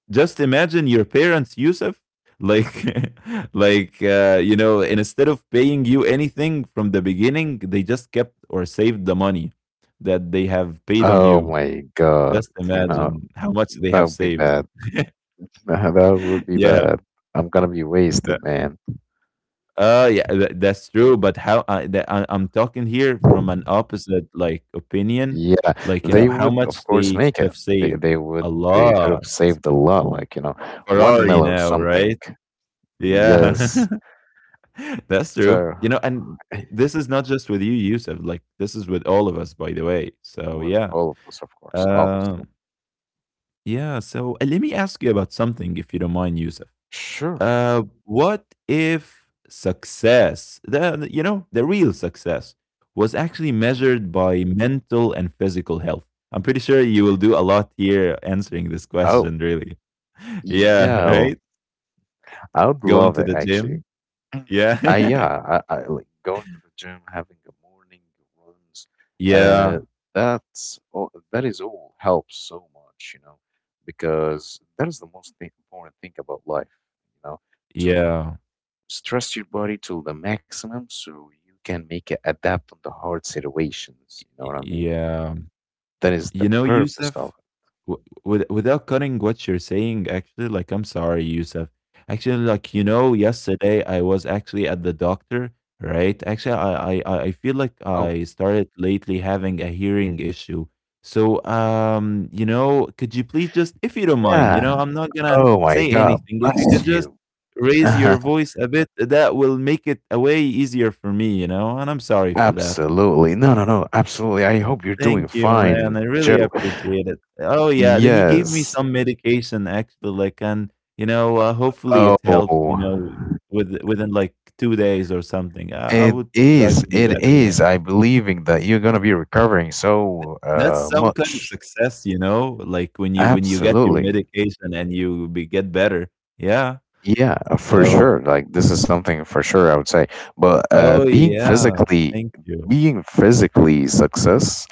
Speaker 2: just imagine your parents, Yusuf, like [laughs] like you know, and instead of paying you anything from the beginning, they just kept or saved the money that they have paid on
Speaker 1: Oh
Speaker 2: you.
Speaker 1: my God,
Speaker 2: Just
Speaker 1: you know,
Speaker 2: imagine how much they
Speaker 1: that
Speaker 2: have
Speaker 1: would be
Speaker 2: saved.
Speaker 1: bad. [laughs] That would
Speaker 2: [laughs]
Speaker 1: be
Speaker 2: Yeah,
Speaker 1: bad. I'm gonna be
Speaker 2: that-
Speaker 1: wasted, man.
Speaker 2: yeah, that's true, but how I, that, I I'm talking here from an opposite like opinion.
Speaker 1: Yeah,
Speaker 2: Like, you know,
Speaker 1: they
Speaker 2: how
Speaker 1: would
Speaker 2: much
Speaker 1: of course
Speaker 2: they could
Speaker 1: make
Speaker 2: have
Speaker 1: it.
Speaker 2: saved,
Speaker 1: They
Speaker 2: a
Speaker 1: would they could
Speaker 2: lot,
Speaker 1: have saved a lot, like, you know, one
Speaker 2: Ferrari
Speaker 1: mil or
Speaker 2: now, right?
Speaker 1: something.
Speaker 2: Yeah.
Speaker 1: Yes.
Speaker 2: [laughs] That's true.
Speaker 1: So
Speaker 2: You know, and this
Speaker 1: [laughs]
Speaker 2: is not just with you, Yusuf. Like this is with all of us, by the way. So
Speaker 1: with
Speaker 2: yeah.
Speaker 1: all of us, of course,
Speaker 2: Um
Speaker 1: obviously.
Speaker 2: yeah, so let me ask you about something if you don't mind, Yusuf.
Speaker 1: Sure.
Speaker 2: What if success, you know, the real success was actually
Speaker 1: Mhm.
Speaker 2: measured by mental and physical health? I'm pretty sure you will do a lot here answering this
Speaker 1: Oh,
Speaker 2: question, really. [laughs] Yeah,
Speaker 1: yeah,
Speaker 2: right?
Speaker 1: I would
Speaker 2: Going
Speaker 1: love
Speaker 2: to
Speaker 1: it
Speaker 2: the
Speaker 1: actually.
Speaker 2: gym.
Speaker 1: [clears throat] I
Speaker 2: Yeah. [laughs]
Speaker 1: yeah, I, I like going to the gym, having a morning runs. Uh,
Speaker 2: Yeah.
Speaker 1: that is all helps so much, you know, because that is the most thing, important thing about life, you know, to
Speaker 2: Yeah.
Speaker 1: stress your body to the maximum so you can make it adapt on the hard situations. You know what I mean?
Speaker 2: Yeah.
Speaker 1: That is
Speaker 2: You
Speaker 1: the
Speaker 2: know,
Speaker 1: purpose
Speaker 2: Yusuf,
Speaker 1: of
Speaker 2: with, without cutting what you're saying, actually, like, I'm sorry, Yusuf. Actually, like,
Speaker 1: it.
Speaker 2: you
Speaker 1: Mhm.
Speaker 2: know, yesterday I was actually at the doctor, right? Actually, I feel like
Speaker 1: Oh
Speaker 2: I started lately having a hearing issue. So, you know, could you please just, if you don't mind, you
Speaker 1: yeah.
Speaker 2: know, I'm not gonna
Speaker 1: Oh my
Speaker 2: say
Speaker 1: God.
Speaker 2: anything. If you could
Speaker 1: Bless
Speaker 2: just
Speaker 1: you.
Speaker 2: raise
Speaker 1: [laughs]
Speaker 2: your voice a bit, that will make it a way easier for me, you know, and I'm sorry for that.
Speaker 1: Absolutely. No, no, no. Absolutely. I hope you're doing
Speaker 2: Thank you,
Speaker 1: fine,
Speaker 2: man. I really
Speaker 1: Joe.
Speaker 2: appreciate it. Oh, yeah, he gave me
Speaker 1: Yes.
Speaker 2: some medication actually, like, and you know, hopefully it helps. You
Speaker 1: Oh,
Speaker 2: know, within like 2 days or something. I
Speaker 1: it
Speaker 2: would try
Speaker 1: is.
Speaker 2: to be
Speaker 1: It
Speaker 2: better. Yeah,
Speaker 1: is. I believing that you're gonna be recovering so
Speaker 2: That's some kind of
Speaker 1: much.
Speaker 2: success. You know, like when you get your
Speaker 1: Absolutely.
Speaker 2: medication and get better. Yeah.
Speaker 1: Yeah, for
Speaker 2: So,
Speaker 1: sure. Like this is something for sure I would say. But
Speaker 2: oh yeah, thank you.
Speaker 1: being physically success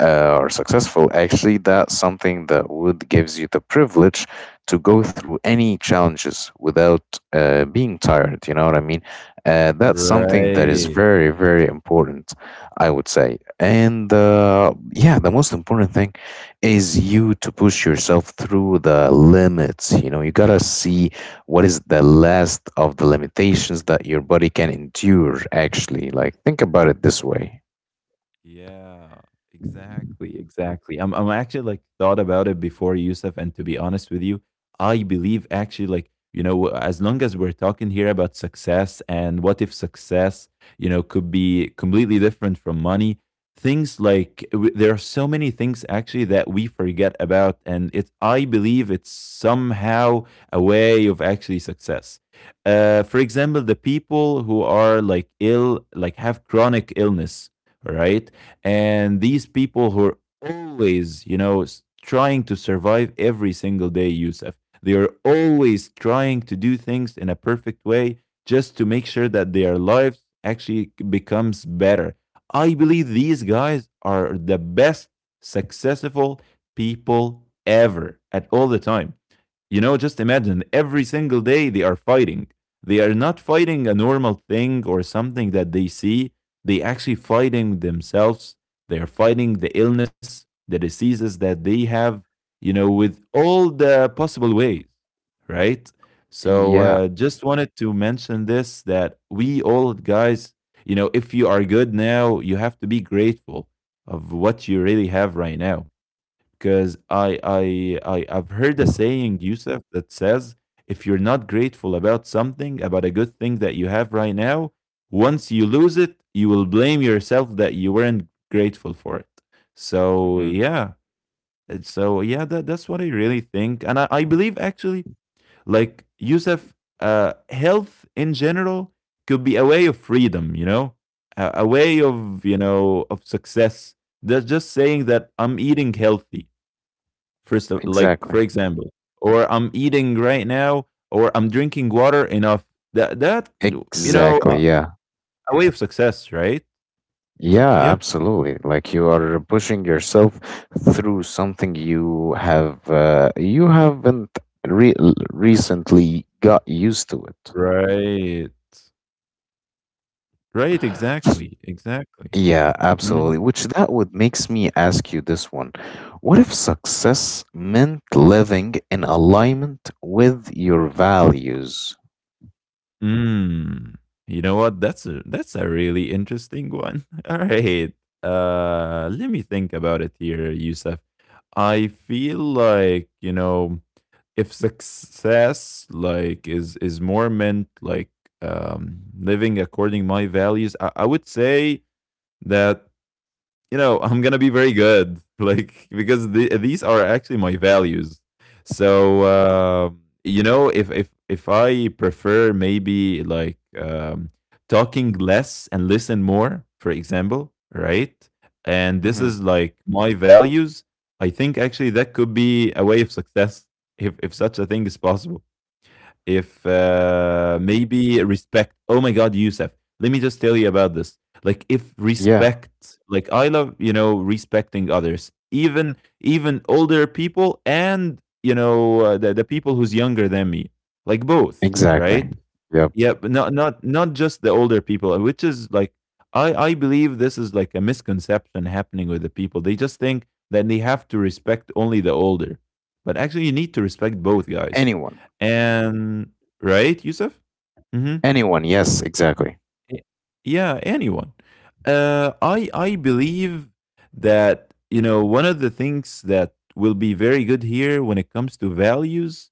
Speaker 1: or successful, actually, that's something that would gives you the privilege to go through any challenges without being tired. You know what I mean? That's something that is
Speaker 2: Right.
Speaker 1: very, very important, I would say. And yeah, the most important thing is you to push yourself through the limits. You know, you gotta see what is the last of the limitations that your body can endure actually, like think about it this way.
Speaker 2: Yeah, exactly, exactly. I'm actually like thought about it before, Yusuf, and to be honest with you, I believe actually, like, you know, as long as we're talking here about success and what if success, you know, could be completely different from money things, like there are so many things actually that we forget about, and it's I believe it's somehow a way of actually success. For example, the people who are like ill, like have chronic illness, right? And these people who are always, you know, trying to survive every single day, Yusuf, they are always trying to do things in a perfect way, just to make sure that their lives actually becomes better. I believe these guys are the best successful people ever at all the time. You know, just imagine every single day they are fighting. They are not fighting a normal thing or something that they see, they actually fighting themselves. They are fighting the illness, the diseases that they have, you know, with all the possible ways, right? So
Speaker 1: Yeah.
Speaker 2: just wanted to mention this, that we all, guys, you know, if you are good now, you have to be grateful of what you really have right now, because I've heard a saying, Yusuf, that says if you're not grateful about something, about a good thing that you have right now, once you lose it, you will blame yourself that you weren't grateful for it. So
Speaker 1: Mhm.
Speaker 2: yeah, and so yeah, that that's what I really think, and I believe actually, like, Yusuf, health in general could be a way of freedom, you know, a way of, you know, of success. That's just saying that I'm eating healthy first, of, like,
Speaker 1: Exactly,
Speaker 2: for example, or I'm eating right now, or I'm drinking water enough. That that, you know,
Speaker 1: exactly. Yeah.
Speaker 2: a way of success, right?
Speaker 1: Yeah,
Speaker 2: Yeah.
Speaker 1: absolutely. Like you are pushing yourself through something you have you haven't re- recently got used to it.
Speaker 2: Right. Right. Exactly. Exactly.
Speaker 1: Yeah,
Speaker 2: Mhm.
Speaker 1: absolutely. Which that would makes me ask you this one. What if success meant living in alignment with your values?
Speaker 2: Mm. You know what? That's a really interesting one. [laughs] All right. Let me think about it here, Yusuf. I feel like you know. If success like is more meant like living according my values, I would say that you know, I'm gonna be very good, [laughs] like because these are actually my values. So you know, if I prefer maybe like talking less and listen more, for example, right? And this is
Speaker 1: Hmm.
Speaker 2: like my values. I think actually that could be a way of success if such a thing is possible, if maybe respect. Oh my God, Youssef, let me just tell you about this. Like if
Speaker 1: Yeah.
Speaker 2: respect, like I love, you know, respecting others, even older people and you know the people who's younger than me, like both,
Speaker 1: Exactly.
Speaker 2: right?
Speaker 1: Yep.
Speaker 2: Yeah, but not just the older people, which is like I believe this is like a misconception happening with the people. They just think that they have to respect only the older, but actually you need to respect both guys
Speaker 1: Anyone.
Speaker 2: and right Yusuf. Mm-hmm.
Speaker 1: Anyone. Yes, exactly.
Speaker 2: Yeah, anyone. I believe that you know one of the things that will be very good here when it comes to values,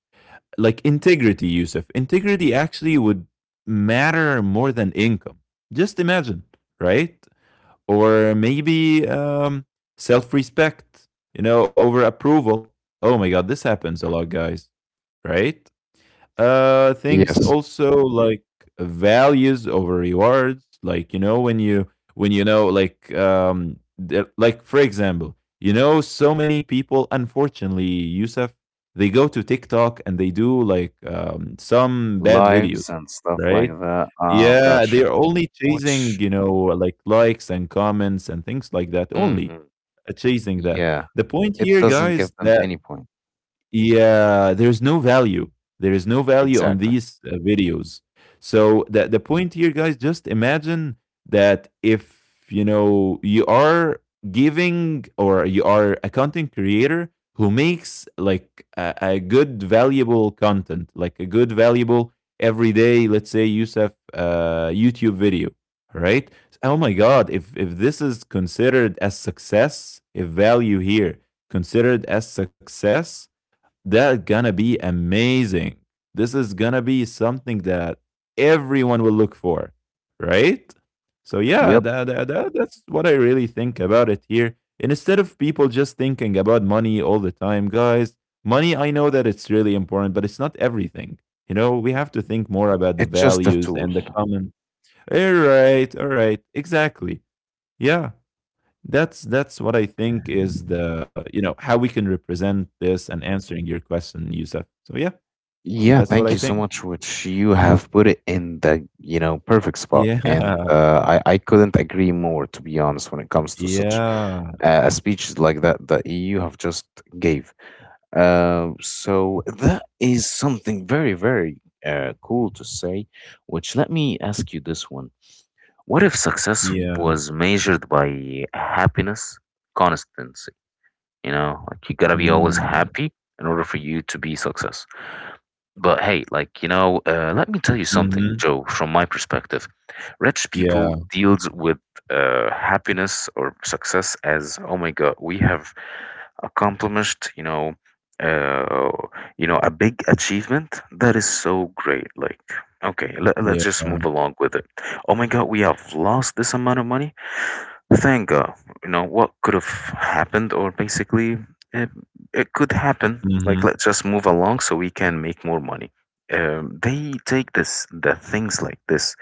Speaker 2: like integrity. Yusuf, integrity actually would matter more than income. Just imagine, right? Or maybe self-respect, you know, over approval. Oh my God, this happens a lot, guys, right? Things
Speaker 1: Yes.
Speaker 2: also like values over rewards. Like you know when you know like the- like for example, you know, so many people unfortunately, Yusuf, they go to TikTok and they do like some bad
Speaker 1: Lives
Speaker 2: videos,
Speaker 1: and stuff like
Speaker 2: right?
Speaker 1: that. Oh,
Speaker 2: Yeah, they're
Speaker 1: gotcha.
Speaker 2: only chasing,
Speaker 1: Which,
Speaker 2: you know, like likes and comments and things like that only.
Speaker 1: hmm,
Speaker 2: Chasing that,
Speaker 1: yeah,
Speaker 2: the point
Speaker 1: it
Speaker 2: here,
Speaker 1: doesn't give
Speaker 2: guys,
Speaker 1: them
Speaker 2: that
Speaker 1: any point.
Speaker 2: yeah, there's no value. There is no value on
Speaker 1: Exactly.
Speaker 2: these videos. So the point here, guys, just imagine that if you know you are giving, or you are a content creator who makes like a good valuable content, like a good valuable everyday, let's say Yusuf, YouTube video, right? Oh my God, if this is considered as success, if value here considered as success, that's gonna be amazing. This is gonna be something that everyone will look for, right? So yeah,
Speaker 1: Yep.
Speaker 2: that's what I really think about it here. And instead of people just thinking about money all the time, guys, money, I know that it's really important, but it's not everything. You know, we have to think more about the
Speaker 1: It's just a
Speaker 2: values
Speaker 1: tool.
Speaker 2: and the common. All right, exactly. Yeah, that's what I think is the, you know, how we can represent this and answering your question, Yusuf. So yeah,
Speaker 1: Yeah,
Speaker 2: that's what
Speaker 1: thank you
Speaker 2: I
Speaker 1: so
Speaker 2: think.
Speaker 1: much, which you have put it in the, you know, perfect spot.
Speaker 2: Yeah,
Speaker 1: And
Speaker 2: [laughs]
Speaker 1: uh, I couldn't agree more, to be honest, when it comes to such
Speaker 2: yeah,
Speaker 1: a speech like that that you have just gave. So that is something very, very cool to say, which let me ask you this one. What if success
Speaker 2: yeah.
Speaker 1: was measured by happiness constancy? You know, like you gotta be always
Speaker 2: Mm,
Speaker 1: happy in order for you to be success. But hey, like, you know, let me tell you something,
Speaker 2: hmm.
Speaker 1: Joe, from my perspective. Rich people
Speaker 2: Yeah,
Speaker 1: deals with happiness or success as, oh my God, we have accomplished, you know, uh, a big achievement. That is so great. Like, okay,
Speaker 2: yeah.
Speaker 1: let's just move along with it. Oh my God, we have lost this amount of money. Thank God. You know, what could have happened, or basically, it, it could happen.
Speaker 2: Mm-hmm.
Speaker 1: Like, let's just move along so we can make more money. They take this the things like this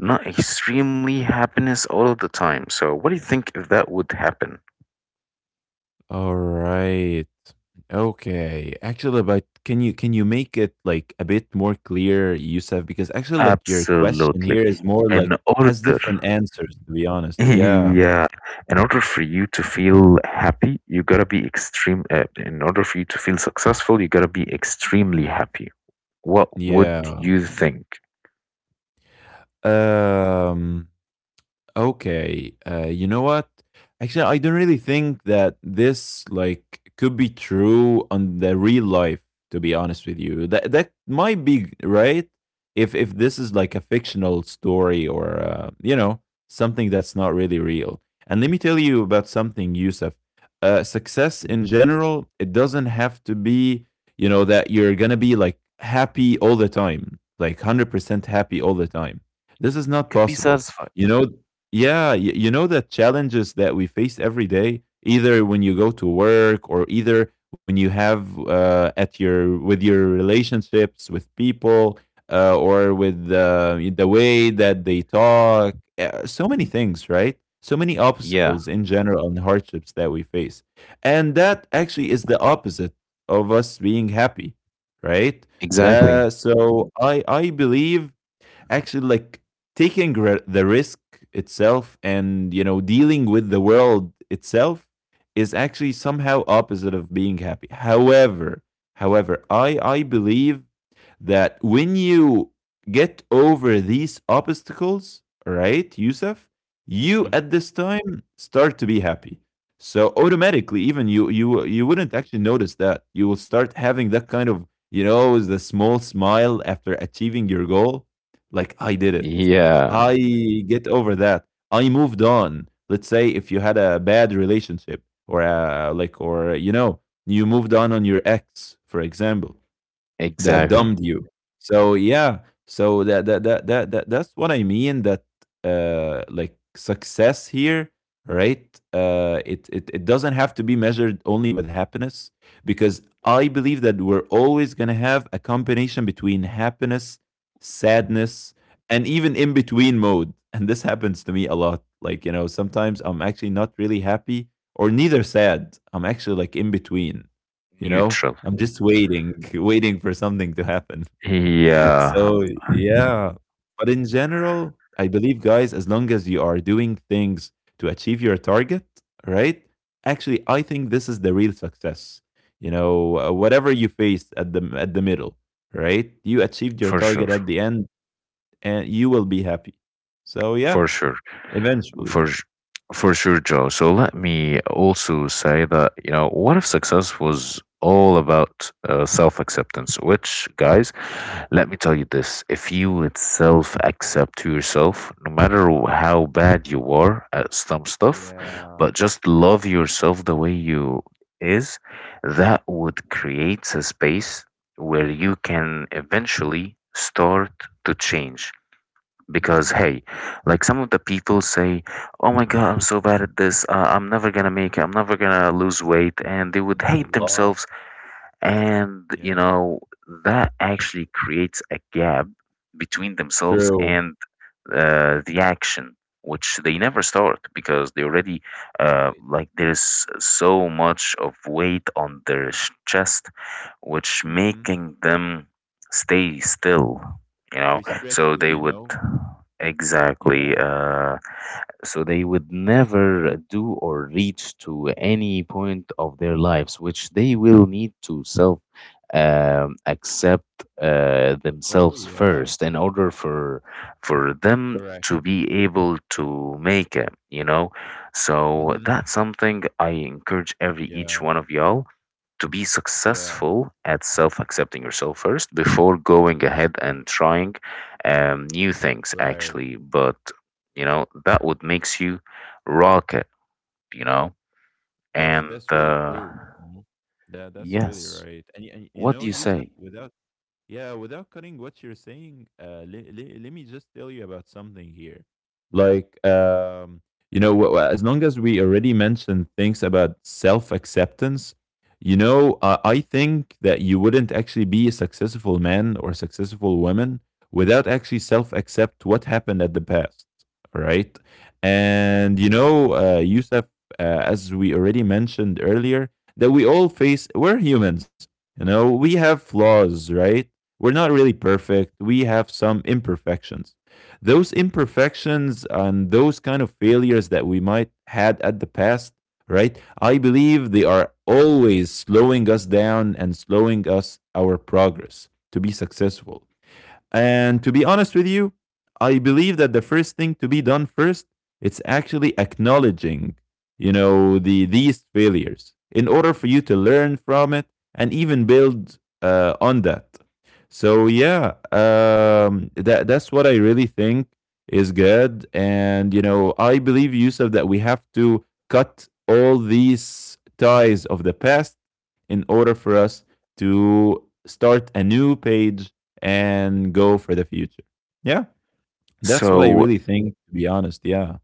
Speaker 1: not extremely happiness all the time. So, what do you think if that would happen?
Speaker 2: All right. Okay. Actually, but can you make it like a bit more clear, Yusuf? Because actually, like your question
Speaker 1: Absolutely.
Speaker 2: here is more
Speaker 1: In
Speaker 2: like has
Speaker 1: order,
Speaker 2: different answers. To be
Speaker 1: [laughs]
Speaker 2: honest, yeah,
Speaker 1: yeah, in order for you to feel happy, you gotta be extreme. In order for you to feel successful, you gotta be extremely happy. What would
Speaker 2: yeah.
Speaker 1: you think?
Speaker 2: Um. Okay. You know what? Actually, I don't really think that this like could be true on the real life. To be honest with you, that might be right if this is like a fictional story or you know, something that's not really real. And let me tell you about something, Yusuf. Success in general, it doesn't have to be, you know, that you're gonna be like happy all the time, like 100% happy all the time. This is not
Speaker 1: Could be
Speaker 2: possible.
Speaker 1: satisfied. Yeah,
Speaker 2: You know, yeah, you know the challenges that we face every day, either when you go to work or either when you have at your with your relationships with people, or with the way that they talk. So many things, right? So many obstacles in general and hardships that we face, and that actually is the opposite of us being happy, right?
Speaker 1: exactly.
Speaker 2: That, so I believe actually like taking the risk itself and you know dealing with the world itself is actually somehow opposite of being happy. However, I believe that when you get over these obstacles, right, Yusuf, you
Speaker 1: Hmm.
Speaker 2: at this time start to be happy. So automatically, even you wouldn't actually notice that you will start having that kind of, you know, the small smile after achieving your goal, like I did it,
Speaker 1: Yeah,
Speaker 2: I get over that, I moved on. Let's say if you had a bad relationship like, or you know, you moved on your ex, for example, that
Speaker 1: exactly.
Speaker 2: dumbed you. So yeah, so that's what I mean. That like success here, right? It, it doesn't have to be measured only with happiness because I believe that we're always gonna have a combination between happiness, sadness, and even in between mode. [laughs] And this happens to me a lot. Like you know, sometimes I'm actually not really happy or neither sad. I'm actually like in between, you know,
Speaker 1: Neutral.
Speaker 2: I'm just waiting, [laughs] waiting for something to happen. [laughs]
Speaker 1: Yeah.
Speaker 2: So yeah, but in general, I believe, guys, as long as you are doing things to achieve your target, right? Actually, I think this is the real success. You know, whatever you faced at the middle, right? You achieved your
Speaker 1: For
Speaker 2: target
Speaker 1: sure.
Speaker 2: at the end, and you will be happy. So yeah,
Speaker 1: For sure.
Speaker 2: eventually.
Speaker 1: For s- for sure, Joe. So let me also say that, you know, what if success was all about self-acceptance, which, guys, let me tell you this. If you would self-accept yourself, no matter how bad you are at some stuff,
Speaker 2: Yeah.
Speaker 1: but just love yourself the way you is, that would create a space where you can eventually start to change because
Speaker 2: Mm-hmm.
Speaker 1: hey, like some of the people say, oh my God, I'm so bad at this, I'm never gonna make it, I'm never gonna lose weight, and they
Speaker 2: Happens
Speaker 1: would
Speaker 2: a
Speaker 1: hate
Speaker 2: lot.
Speaker 1: themselves, and you
Speaker 2: Yeah.
Speaker 1: know that actually creates a gap between themselves
Speaker 2: True.
Speaker 1: and the action which they never start because they already
Speaker 2: Right.
Speaker 1: like there's so much of weight on their chest which
Speaker 2: Mm-hmm.
Speaker 1: making them stay still, you know, so
Speaker 2: Restricted,
Speaker 1: they
Speaker 2: you
Speaker 1: would
Speaker 2: know?
Speaker 1: exactly
Speaker 2: Yeah.
Speaker 1: so they would never do or reach to any point of their lives which they will need to self accept
Speaker 2: Oh,
Speaker 1: themselves
Speaker 2: yeah.
Speaker 1: first in order for them
Speaker 2: Correct.
Speaker 1: to be able to make it, you know. So
Speaker 2: Mhm.
Speaker 1: that's something I encourage every each
Speaker 2: Yeah.
Speaker 1: one of y'all to be
Speaker 2: Yeah.
Speaker 1: successful at self accepting yourself first before going ahead and trying new things
Speaker 2: Right.
Speaker 1: actually. But you know, that would makes you rocket, you know.
Speaker 2: That's
Speaker 1: And
Speaker 2: really true. Mhm. That that's really
Speaker 1: yes.
Speaker 2: right. And, and you
Speaker 1: What
Speaker 2: know,
Speaker 1: do you
Speaker 2: Yusuf,
Speaker 1: say?
Speaker 2: without, yeah, without cutting what you're saying, le le let me just tell you about something here. Like, you know, as long as we already mentioned things about self acceptance, you know, I think that you wouldn't actually be a successful man or successful woman without actually self accept what happened at the past. Right? And, you know, Yusuf, uh, as we already mentioned earlier, that we all face, we're humans. You know, we have flaws, right? We're not really perfect. We have some imperfections. Those imperfections and those kind of failures that we might had at the past, right? I believe they are always slowing us down and slowing us our progress to be successful. And to be honest with you, I believe that the first thing to be done first, it's actually acknowledging, you know, these failures in order for you to learn from it and even build on that. So yeah, that that's what I really think is good. And you know, I believe Yusuf that we have to cut all these ties of the past in order for us to start a new page and go for the future. Yeah, that's what I
Speaker 1: So
Speaker 2: really think, to be honest. Yeah.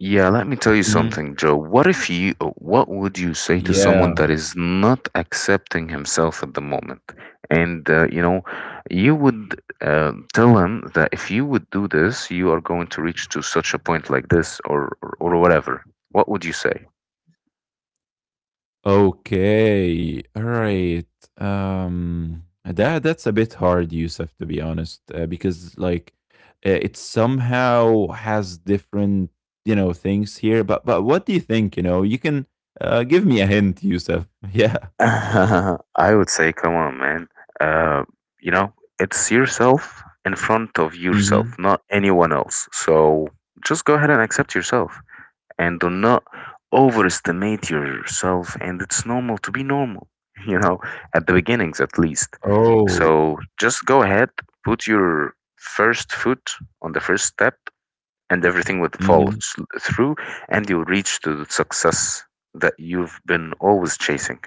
Speaker 1: yeah, let me tell you
Speaker 2: Mhm.
Speaker 1: something, Joe. What if you, what would you say to someone that
Speaker 2: Yeah.
Speaker 1: is not accepting himself at the moment? And, you know, you would tell him that if you would do this, you are going to reach to such a point like this or whatever. What would you say?
Speaker 2: Okay. All right. That that's a bit hard, Yusuf, to be honest, because like it somehow has different, you know, things here. But what do you think? You know, you can give me a hint, Yusuf. [laughs] Yeah.
Speaker 1: [laughs] I would say, come on, man. Uh, you know, it's yourself in front of yourself,
Speaker 2: Hmm.
Speaker 1: not anyone else. So just go ahead and accept yourself and do not overestimate yourself. And it's normal to be normal, [laughs] you know, at the beginnings at least.
Speaker 2: Oh.
Speaker 1: So just go ahead, put your first foot on the first step, and everything would fall
Speaker 2: Mm-hmm.
Speaker 1: through, and you'll reach to the success that you've been always chasing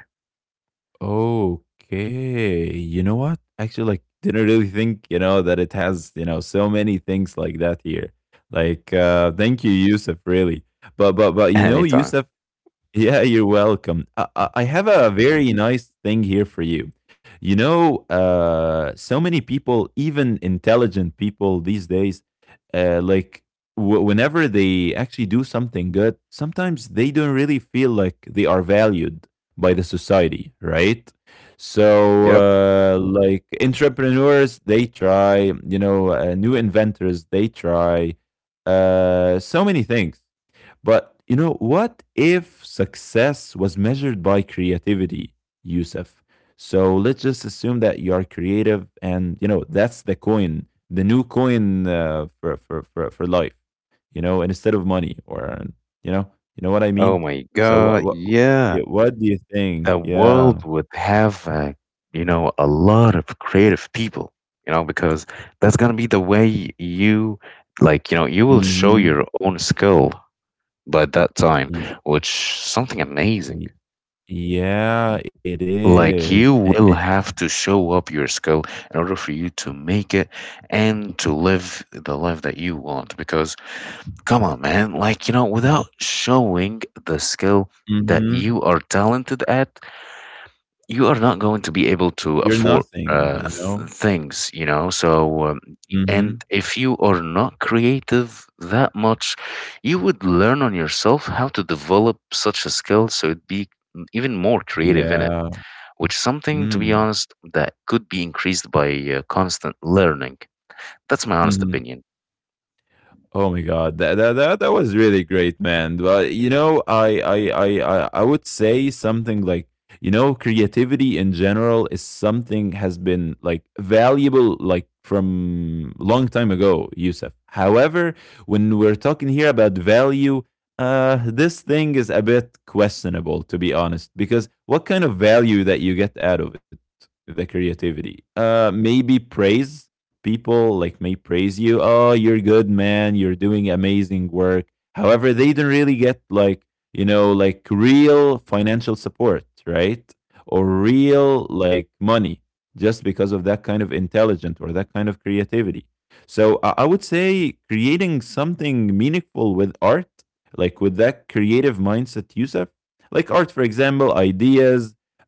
Speaker 2: Okay. You know what? Actually, like, didn't really think, you know, that it has, you know, so many things like that here. Like, thank you, Yusuf, really. But, you know,
Speaker 1: anytime.
Speaker 2: Yusuf, [laughs] yeah, you're welcome. I have a very nice thing here for you. You know, so many people, even intelligent people these days, like whenever they actually do something good, sometimes they don't really feel like they are valued by the society, right? So,
Speaker 1: Yep.
Speaker 2: like entrepreneurs, they try, you know, new inventors, they try so many things. But you know, what if success was measured by creativity, Yusuf? So let's just assume that you are creative and you know, that's the coin, the new coin for, for life, you know, and instead of money, or, you know what I
Speaker 1: Oh
Speaker 2: mean?
Speaker 1: my
Speaker 2: So
Speaker 1: God. Yeah.
Speaker 2: yeah, what do you think?
Speaker 1: The
Speaker 2: Yeah.
Speaker 1: world would have, you know, a lot of creative people, you know, because that's going to be the way you, like, you know, you will show
Speaker 2: Mm-hmm.
Speaker 1: your own skill by that time,
Speaker 2: Y-
Speaker 1: which something amazing.
Speaker 2: y- yeah, it
Speaker 1: Like
Speaker 2: is.
Speaker 1: you will have to show up your skill in order for you to make it and to live the life that you want, because come on, man, like you know, without showing the skill that
Speaker 2: Mm-hmm.
Speaker 1: you are talented at, you are not going to be able to
Speaker 2: You're
Speaker 1: afford
Speaker 2: nothing, you
Speaker 1: uh th-
Speaker 2: know?
Speaker 1: things, you know. So
Speaker 2: Mm-hmm.
Speaker 1: and if you are not creative that much, you would learn on yourself how to develop such a skill so it'd be even more creative in it,
Speaker 2: Yeah.
Speaker 1: which is something, to be
Speaker 2: Mm.
Speaker 1: honest, that could be increased by constant learning. That's my honest
Speaker 2: Mhm.
Speaker 1: opinion.
Speaker 2: Oh my god, that that that that was really great, man. But you know, I I would say something like, you know, creativity in general is something has been like valuable like from long time ago, Yusuf. However, when we're talking here about value, this thing is a bit questionable, to be honest, because what kind of value that you get out of it, the creativity? Maybe praise. People like may praise you, oh you're good man, you're doing amazing work. However they don't really get, like, like real financial support, right? Or
Speaker 1: Mhm.
Speaker 2: real like money, just because of that kind of intelligence or that kind of creativity. So I would say creating something meaningful with art, like with that creative mindset, Yusuf, like art for example, ideas,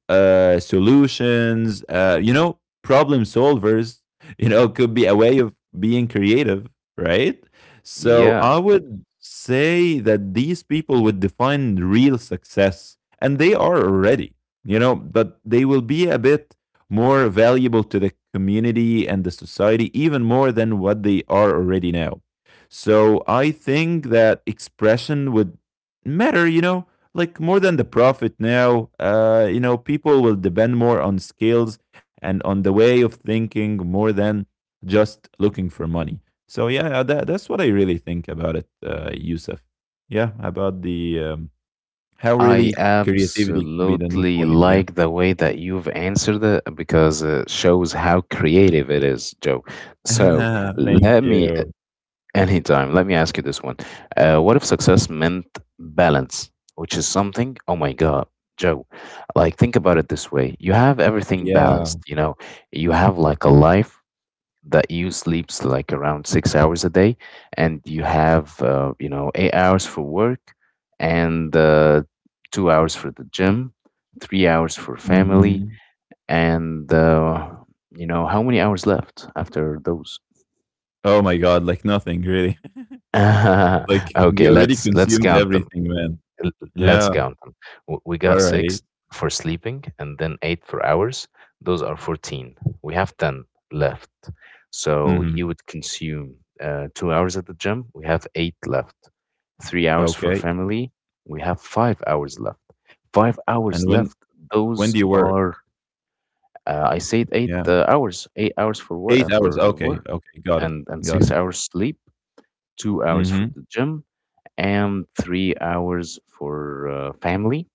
Speaker 2: solutions, uh you know problem solvers [laughs] could be a way of being creative, right? So
Speaker 1: Yeah,
Speaker 2: I would say that these people would define real success, and they are already, but they will be a bit more valuable to the community and the society, even more than what they are already now. So I think that expression would matter, like more than the profit now. You know, people will depend more on skills and on the way of thinking, more than just looking for money. So yeah, yeah, that's what I really think about it, Yusuf. Yeah, about the how
Speaker 1: I
Speaker 2: really creativity could be the new
Speaker 1: absolutely
Speaker 2: coin. Yeah.
Speaker 1: like the way that you've answered it because it shows how creative it is, Joe. So
Speaker 2: [laughs] Thank
Speaker 1: let me,
Speaker 2: you.
Speaker 1: anytime, let me ask you this one. What if success meant balance, which is something, oh my God, Joe, like think about it this way. You have everything
Speaker 2: Yeah.
Speaker 1: balanced, you know, you have like a life that you sleeps like around 6 hours a day, and you have you know 8 hours for work, and 2 hours for the gym, 3 hours for family,
Speaker 2: Mhm.
Speaker 1: and you know how many hours left after those?
Speaker 2: Oh my God, like nothing really. [laughs]
Speaker 1: [laughs]
Speaker 2: Like we
Speaker 1: Okay,
Speaker 2: already
Speaker 1: let's
Speaker 2: consumed
Speaker 1: count them.
Speaker 2: everything, man.
Speaker 1: L- Let's
Speaker 2: Yeah.
Speaker 1: count them. We got
Speaker 2: All right.
Speaker 1: six for sleeping and then eight for hours. Those are 14. We have 10 left. So
Speaker 2: Mm-hmm.
Speaker 1: you would consume 2 hours at the gym. We have eight left. 3 hours for
Speaker 2: Okay.
Speaker 1: family. We have 5 hours left. Five
Speaker 2: And
Speaker 1: hours
Speaker 2: when
Speaker 1: left.
Speaker 2: when
Speaker 1: Those
Speaker 2: do you
Speaker 1: are,
Speaker 2: work?
Speaker 1: I said
Speaker 2: Yeah.
Speaker 1: eight 8 hours for
Speaker 2: Eight
Speaker 1: work, uh,
Speaker 2: hours.
Speaker 1: for
Speaker 2: Okay.
Speaker 1: work
Speaker 2: Okay. Got it.
Speaker 1: and
Speaker 2: Got it.
Speaker 1: 6 hours sleep, 2 hours
Speaker 2: Mm-hmm.
Speaker 1: for the gym, and 3 hours for family,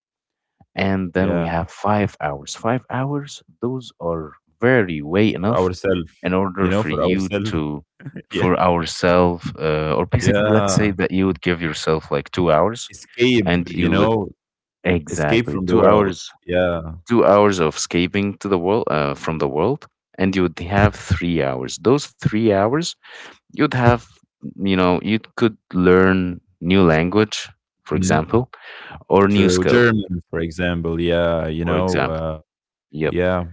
Speaker 1: and then we
Speaker 2: Yeah.
Speaker 1: have 5 hours. 5 hours, those are very way
Speaker 2: For
Speaker 1: enough
Speaker 2: ourself,
Speaker 1: in
Speaker 2: you
Speaker 1: order
Speaker 2: know,
Speaker 1: for
Speaker 2: for
Speaker 1: you
Speaker 2: ourself.
Speaker 1: to,
Speaker 2: [laughs] Yeah,
Speaker 1: for ourselves, or basically, let's say
Speaker 2: yeah.
Speaker 1: that you would give yourself like 2 hours,
Speaker 2: Escape,
Speaker 1: and
Speaker 2: you
Speaker 1: you would
Speaker 2: know, escape
Speaker 1: exactly
Speaker 2: from the
Speaker 1: two
Speaker 2: world.
Speaker 1: hours,
Speaker 2: Yeah,
Speaker 1: 2 hours of escaping to the world, from the world, and you would have 3 hours. Those 3 hours, you'd have, you know, you could learn new language, for
Speaker 2: mhm.
Speaker 1: example, or new
Speaker 2: True.
Speaker 1: skill,
Speaker 2: German, for example. Yeah, you
Speaker 1: for
Speaker 2: know.
Speaker 1: example. Yep.
Speaker 2: Yeah.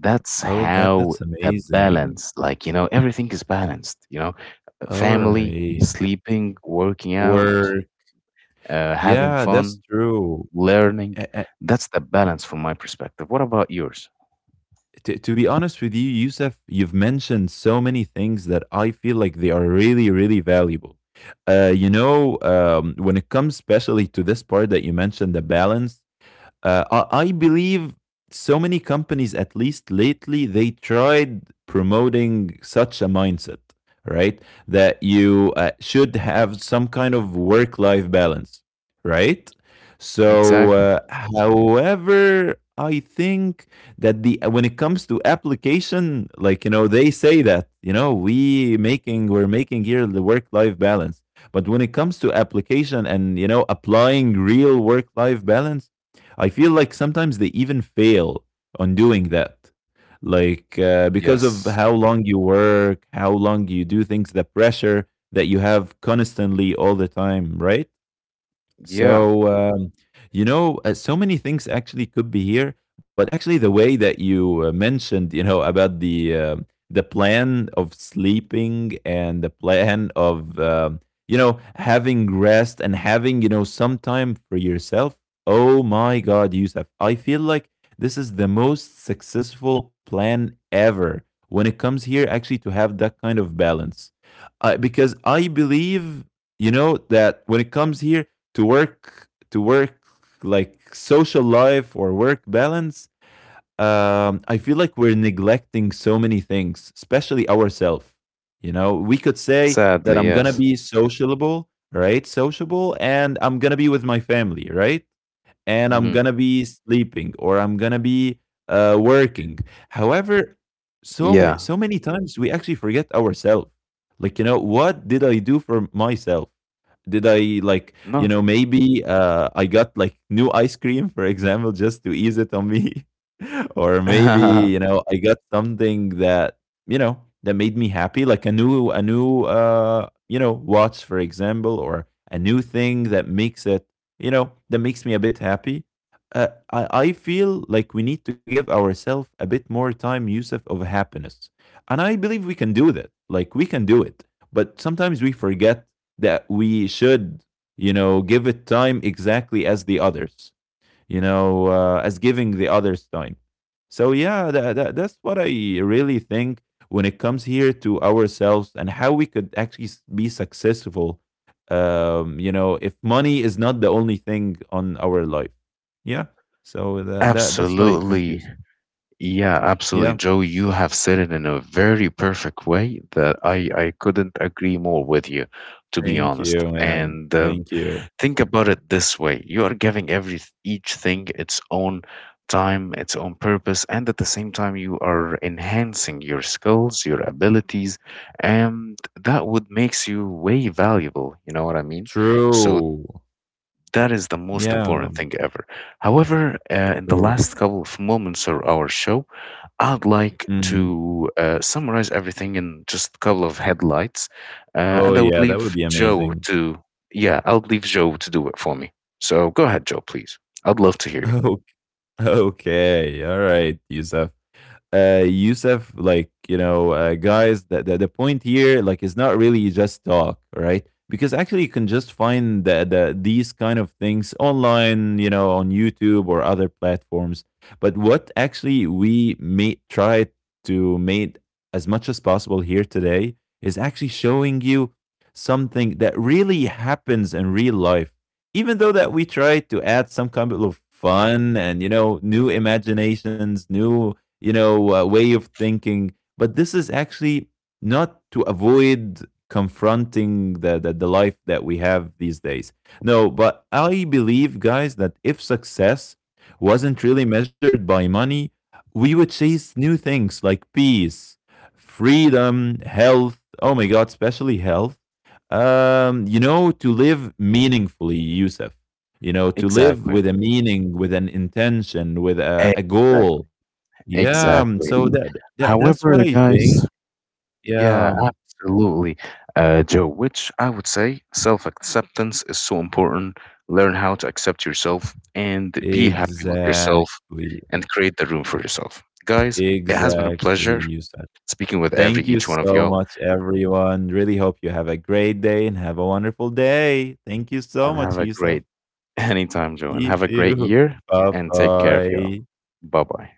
Speaker 1: That's
Speaker 2: Oh, that
Speaker 1: how
Speaker 2: that's
Speaker 1: the
Speaker 2: amazing.
Speaker 1: balance, like you know, everything is balanced, you know,
Speaker 2: All
Speaker 1: family,
Speaker 2: right.
Speaker 1: sleeping, working out,
Speaker 2: Work.
Speaker 1: having
Speaker 2: Yeah, that's
Speaker 1: fun,
Speaker 2: true.
Speaker 1: learning.
Speaker 2: A- a-
Speaker 1: That's the balance from my perspective. What about yours?
Speaker 2: to be honest with you, Yusuf, you've mentioned so many things that I feel like they are really, really valuable. You know, when it comes especially to this part that you mentioned, the balance, I believe so many companies, at least lately, they tried promoting such a mindset, right? That you should have some kind of work life balance, right? So,
Speaker 1: Exactly.
Speaker 2: however, I think that the when it comes to application, like you know, they say that you know we're making here the work life balance, but when it comes to application and you know applying real work life balance, I feel like sometimes they even fail on doing that. Like because of how
Speaker 1: Yes.
Speaker 2: long you work, how long you do things, the pressure that you have constantly all the time, right?
Speaker 1: Yeah.
Speaker 2: So, you know, so many things actually could be here, but actually the way that you mentioned, you know, about the plan of sleeping and the plan of you know, having rest and having, you know, some time for yourself. Oh my God, Yusuf, I feel like this is the most successful plan ever when it comes here actually to have that kind of balance, because I believe you know that when it comes here to work, like social life or work balance. I feel like we're neglecting so many things, especially ourselves. You know, we could say that
Speaker 1: Sadly,
Speaker 2: I'm gonna
Speaker 1: yes.
Speaker 2: be sociable, right, sociable, and I'm gonna be with my family, right, and I'm
Speaker 1: Hmm.
Speaker 2: gonna be sleeping or I'm gonna be working. However,
Speaker 1: Yeah,
Speaker 2: so many times we actually forget ourselves. Like you know, what did I do for myself? Did I, like you know,
Speaker 1: nothing.
Speaker 2: maybe I got like new ice cream, for example, just to ease it on me, [laughs] or maybe
Speaker 1: [laughs]
Speaker 2: you know I got something that, you know, that made me happy, like a new you know, watch, for example, or a new thing that makes it, you know, that makes me a bit happy. I feel like we need to give ourselves a bit more time, Yusuf, of happiness, and I believe we can do that. Like we can do it, but sometimes we forget that we should, you know, give it time exactly as the others, you know, as giving the others time. So yeah, that's what I really think when it comes here to ourselves and how we could actually be successful. You know, if money is not the only thing on our life. Yeah. So that's what I think,
Speaker 1: Absolutely.
Speaker 2: Yusuf.
Speaker 1: Yeah, absolutely.
Speaker 2: Yeah.
Speaker 1: Joe, you have said it in a very perfect way that I couldn't agree more with you, to be
Speaker 2: Thank
Speaker 1: honest.
Speaker 2: you, man.
Speaker 1: And
Speaker 2: Thank you.
Speaker 1: think about it this way, you are giving every each thing its own time, its own purpose, and at the same time, you are enhancing your skills, your abilities, and that would makes you way valuable. You know what I mean? So
Speaker 2: True.
Speaker 1: that is the most
Speaker 2: Yeah.
Speaker 1: important thing ever. However, in the
Speaker 2: True.
Speaker 1: last couple of moments of our show, I'd like
Speaker 2: Hmm.
Speaker 1: to summarize everything in just a couple of headlights,
Speaker 2: Oh
Speaker 1: and I would
Speaker 2: yeah, that would
Speaker 1: leave
Speaker 2: be
Speaker 1: Joe
Speaker 2: amazing.
Speaker 1: to, yeah, I'll leave Joe to do it for me. So go ahead, Joe, please. I'd love to
Speaker 2: [laughs]
Speaker 1: hear you.
Speaker 2: Okay. Okay. All right, Yusuf. Yusuf, like you know, guys, the point here, like, is not really just talk, right? Because actually, you can just find these kind of things online, you know, on YouTube or other platforms. But what actually we may try to make as much as possible here today is actually showing you something that really happens in real life. Even though that we try to add some kind of fun and you know new imaginations, new, you know, way of thinking, but this is actually not to avoid confronting the life that we have these days. No, but I believe, guys, that if success wasn't really measured by money, we would chase new things like peace, freedom, health. Oh my God, especially health. You know, to live meaningfully, Yusuf, you know, to live
Speaker 1: Exactly.
Speaker 2: with a meaning, with an intention, with a
Speaker 1: Exactly.
Speaker 2: goal. Yeah, so
Speaker 1: Exactly.
Speaker 2: that's what
Speaker 1: However,
Speaker 2: I think.
Speaker 1: guys,
Speaker 2: Yeah,
Speaker 1: yeah, absolutely. Joe, which I would say self acceptance is so important. Learn how to accept yourself and be happy with yourself
Speaker 2: exactly,
Speaker 1: and create the room for yourself. Guys, it has been a
Speaker 2: exactly,
Speaker 1: pleasure
Speaker 2: you said.
Speaker 1: speaking with every
Speaker 2: Thank you
Speaker 1: each one of
Speaker 2: so
Speaker 1: y'all
Speaker 2: much, everyone. Really hope you have a great day and have a wonderful day. Thank you so
Speaker 1: and
Speaker 2: much,
Speaker 1: have a
Speaker 2: Yusuf.
Speaker 1: great [laughs] anytime, Joe, and
Speaker 2: You
Speaker 1: have a great
Speaker 2: too.
Speaker 1: year
Speaker 2: [laughs] Bye
Speaker 1: and take care of y'all.
Speaker 2: bye.
Speaker 1: Bye bye.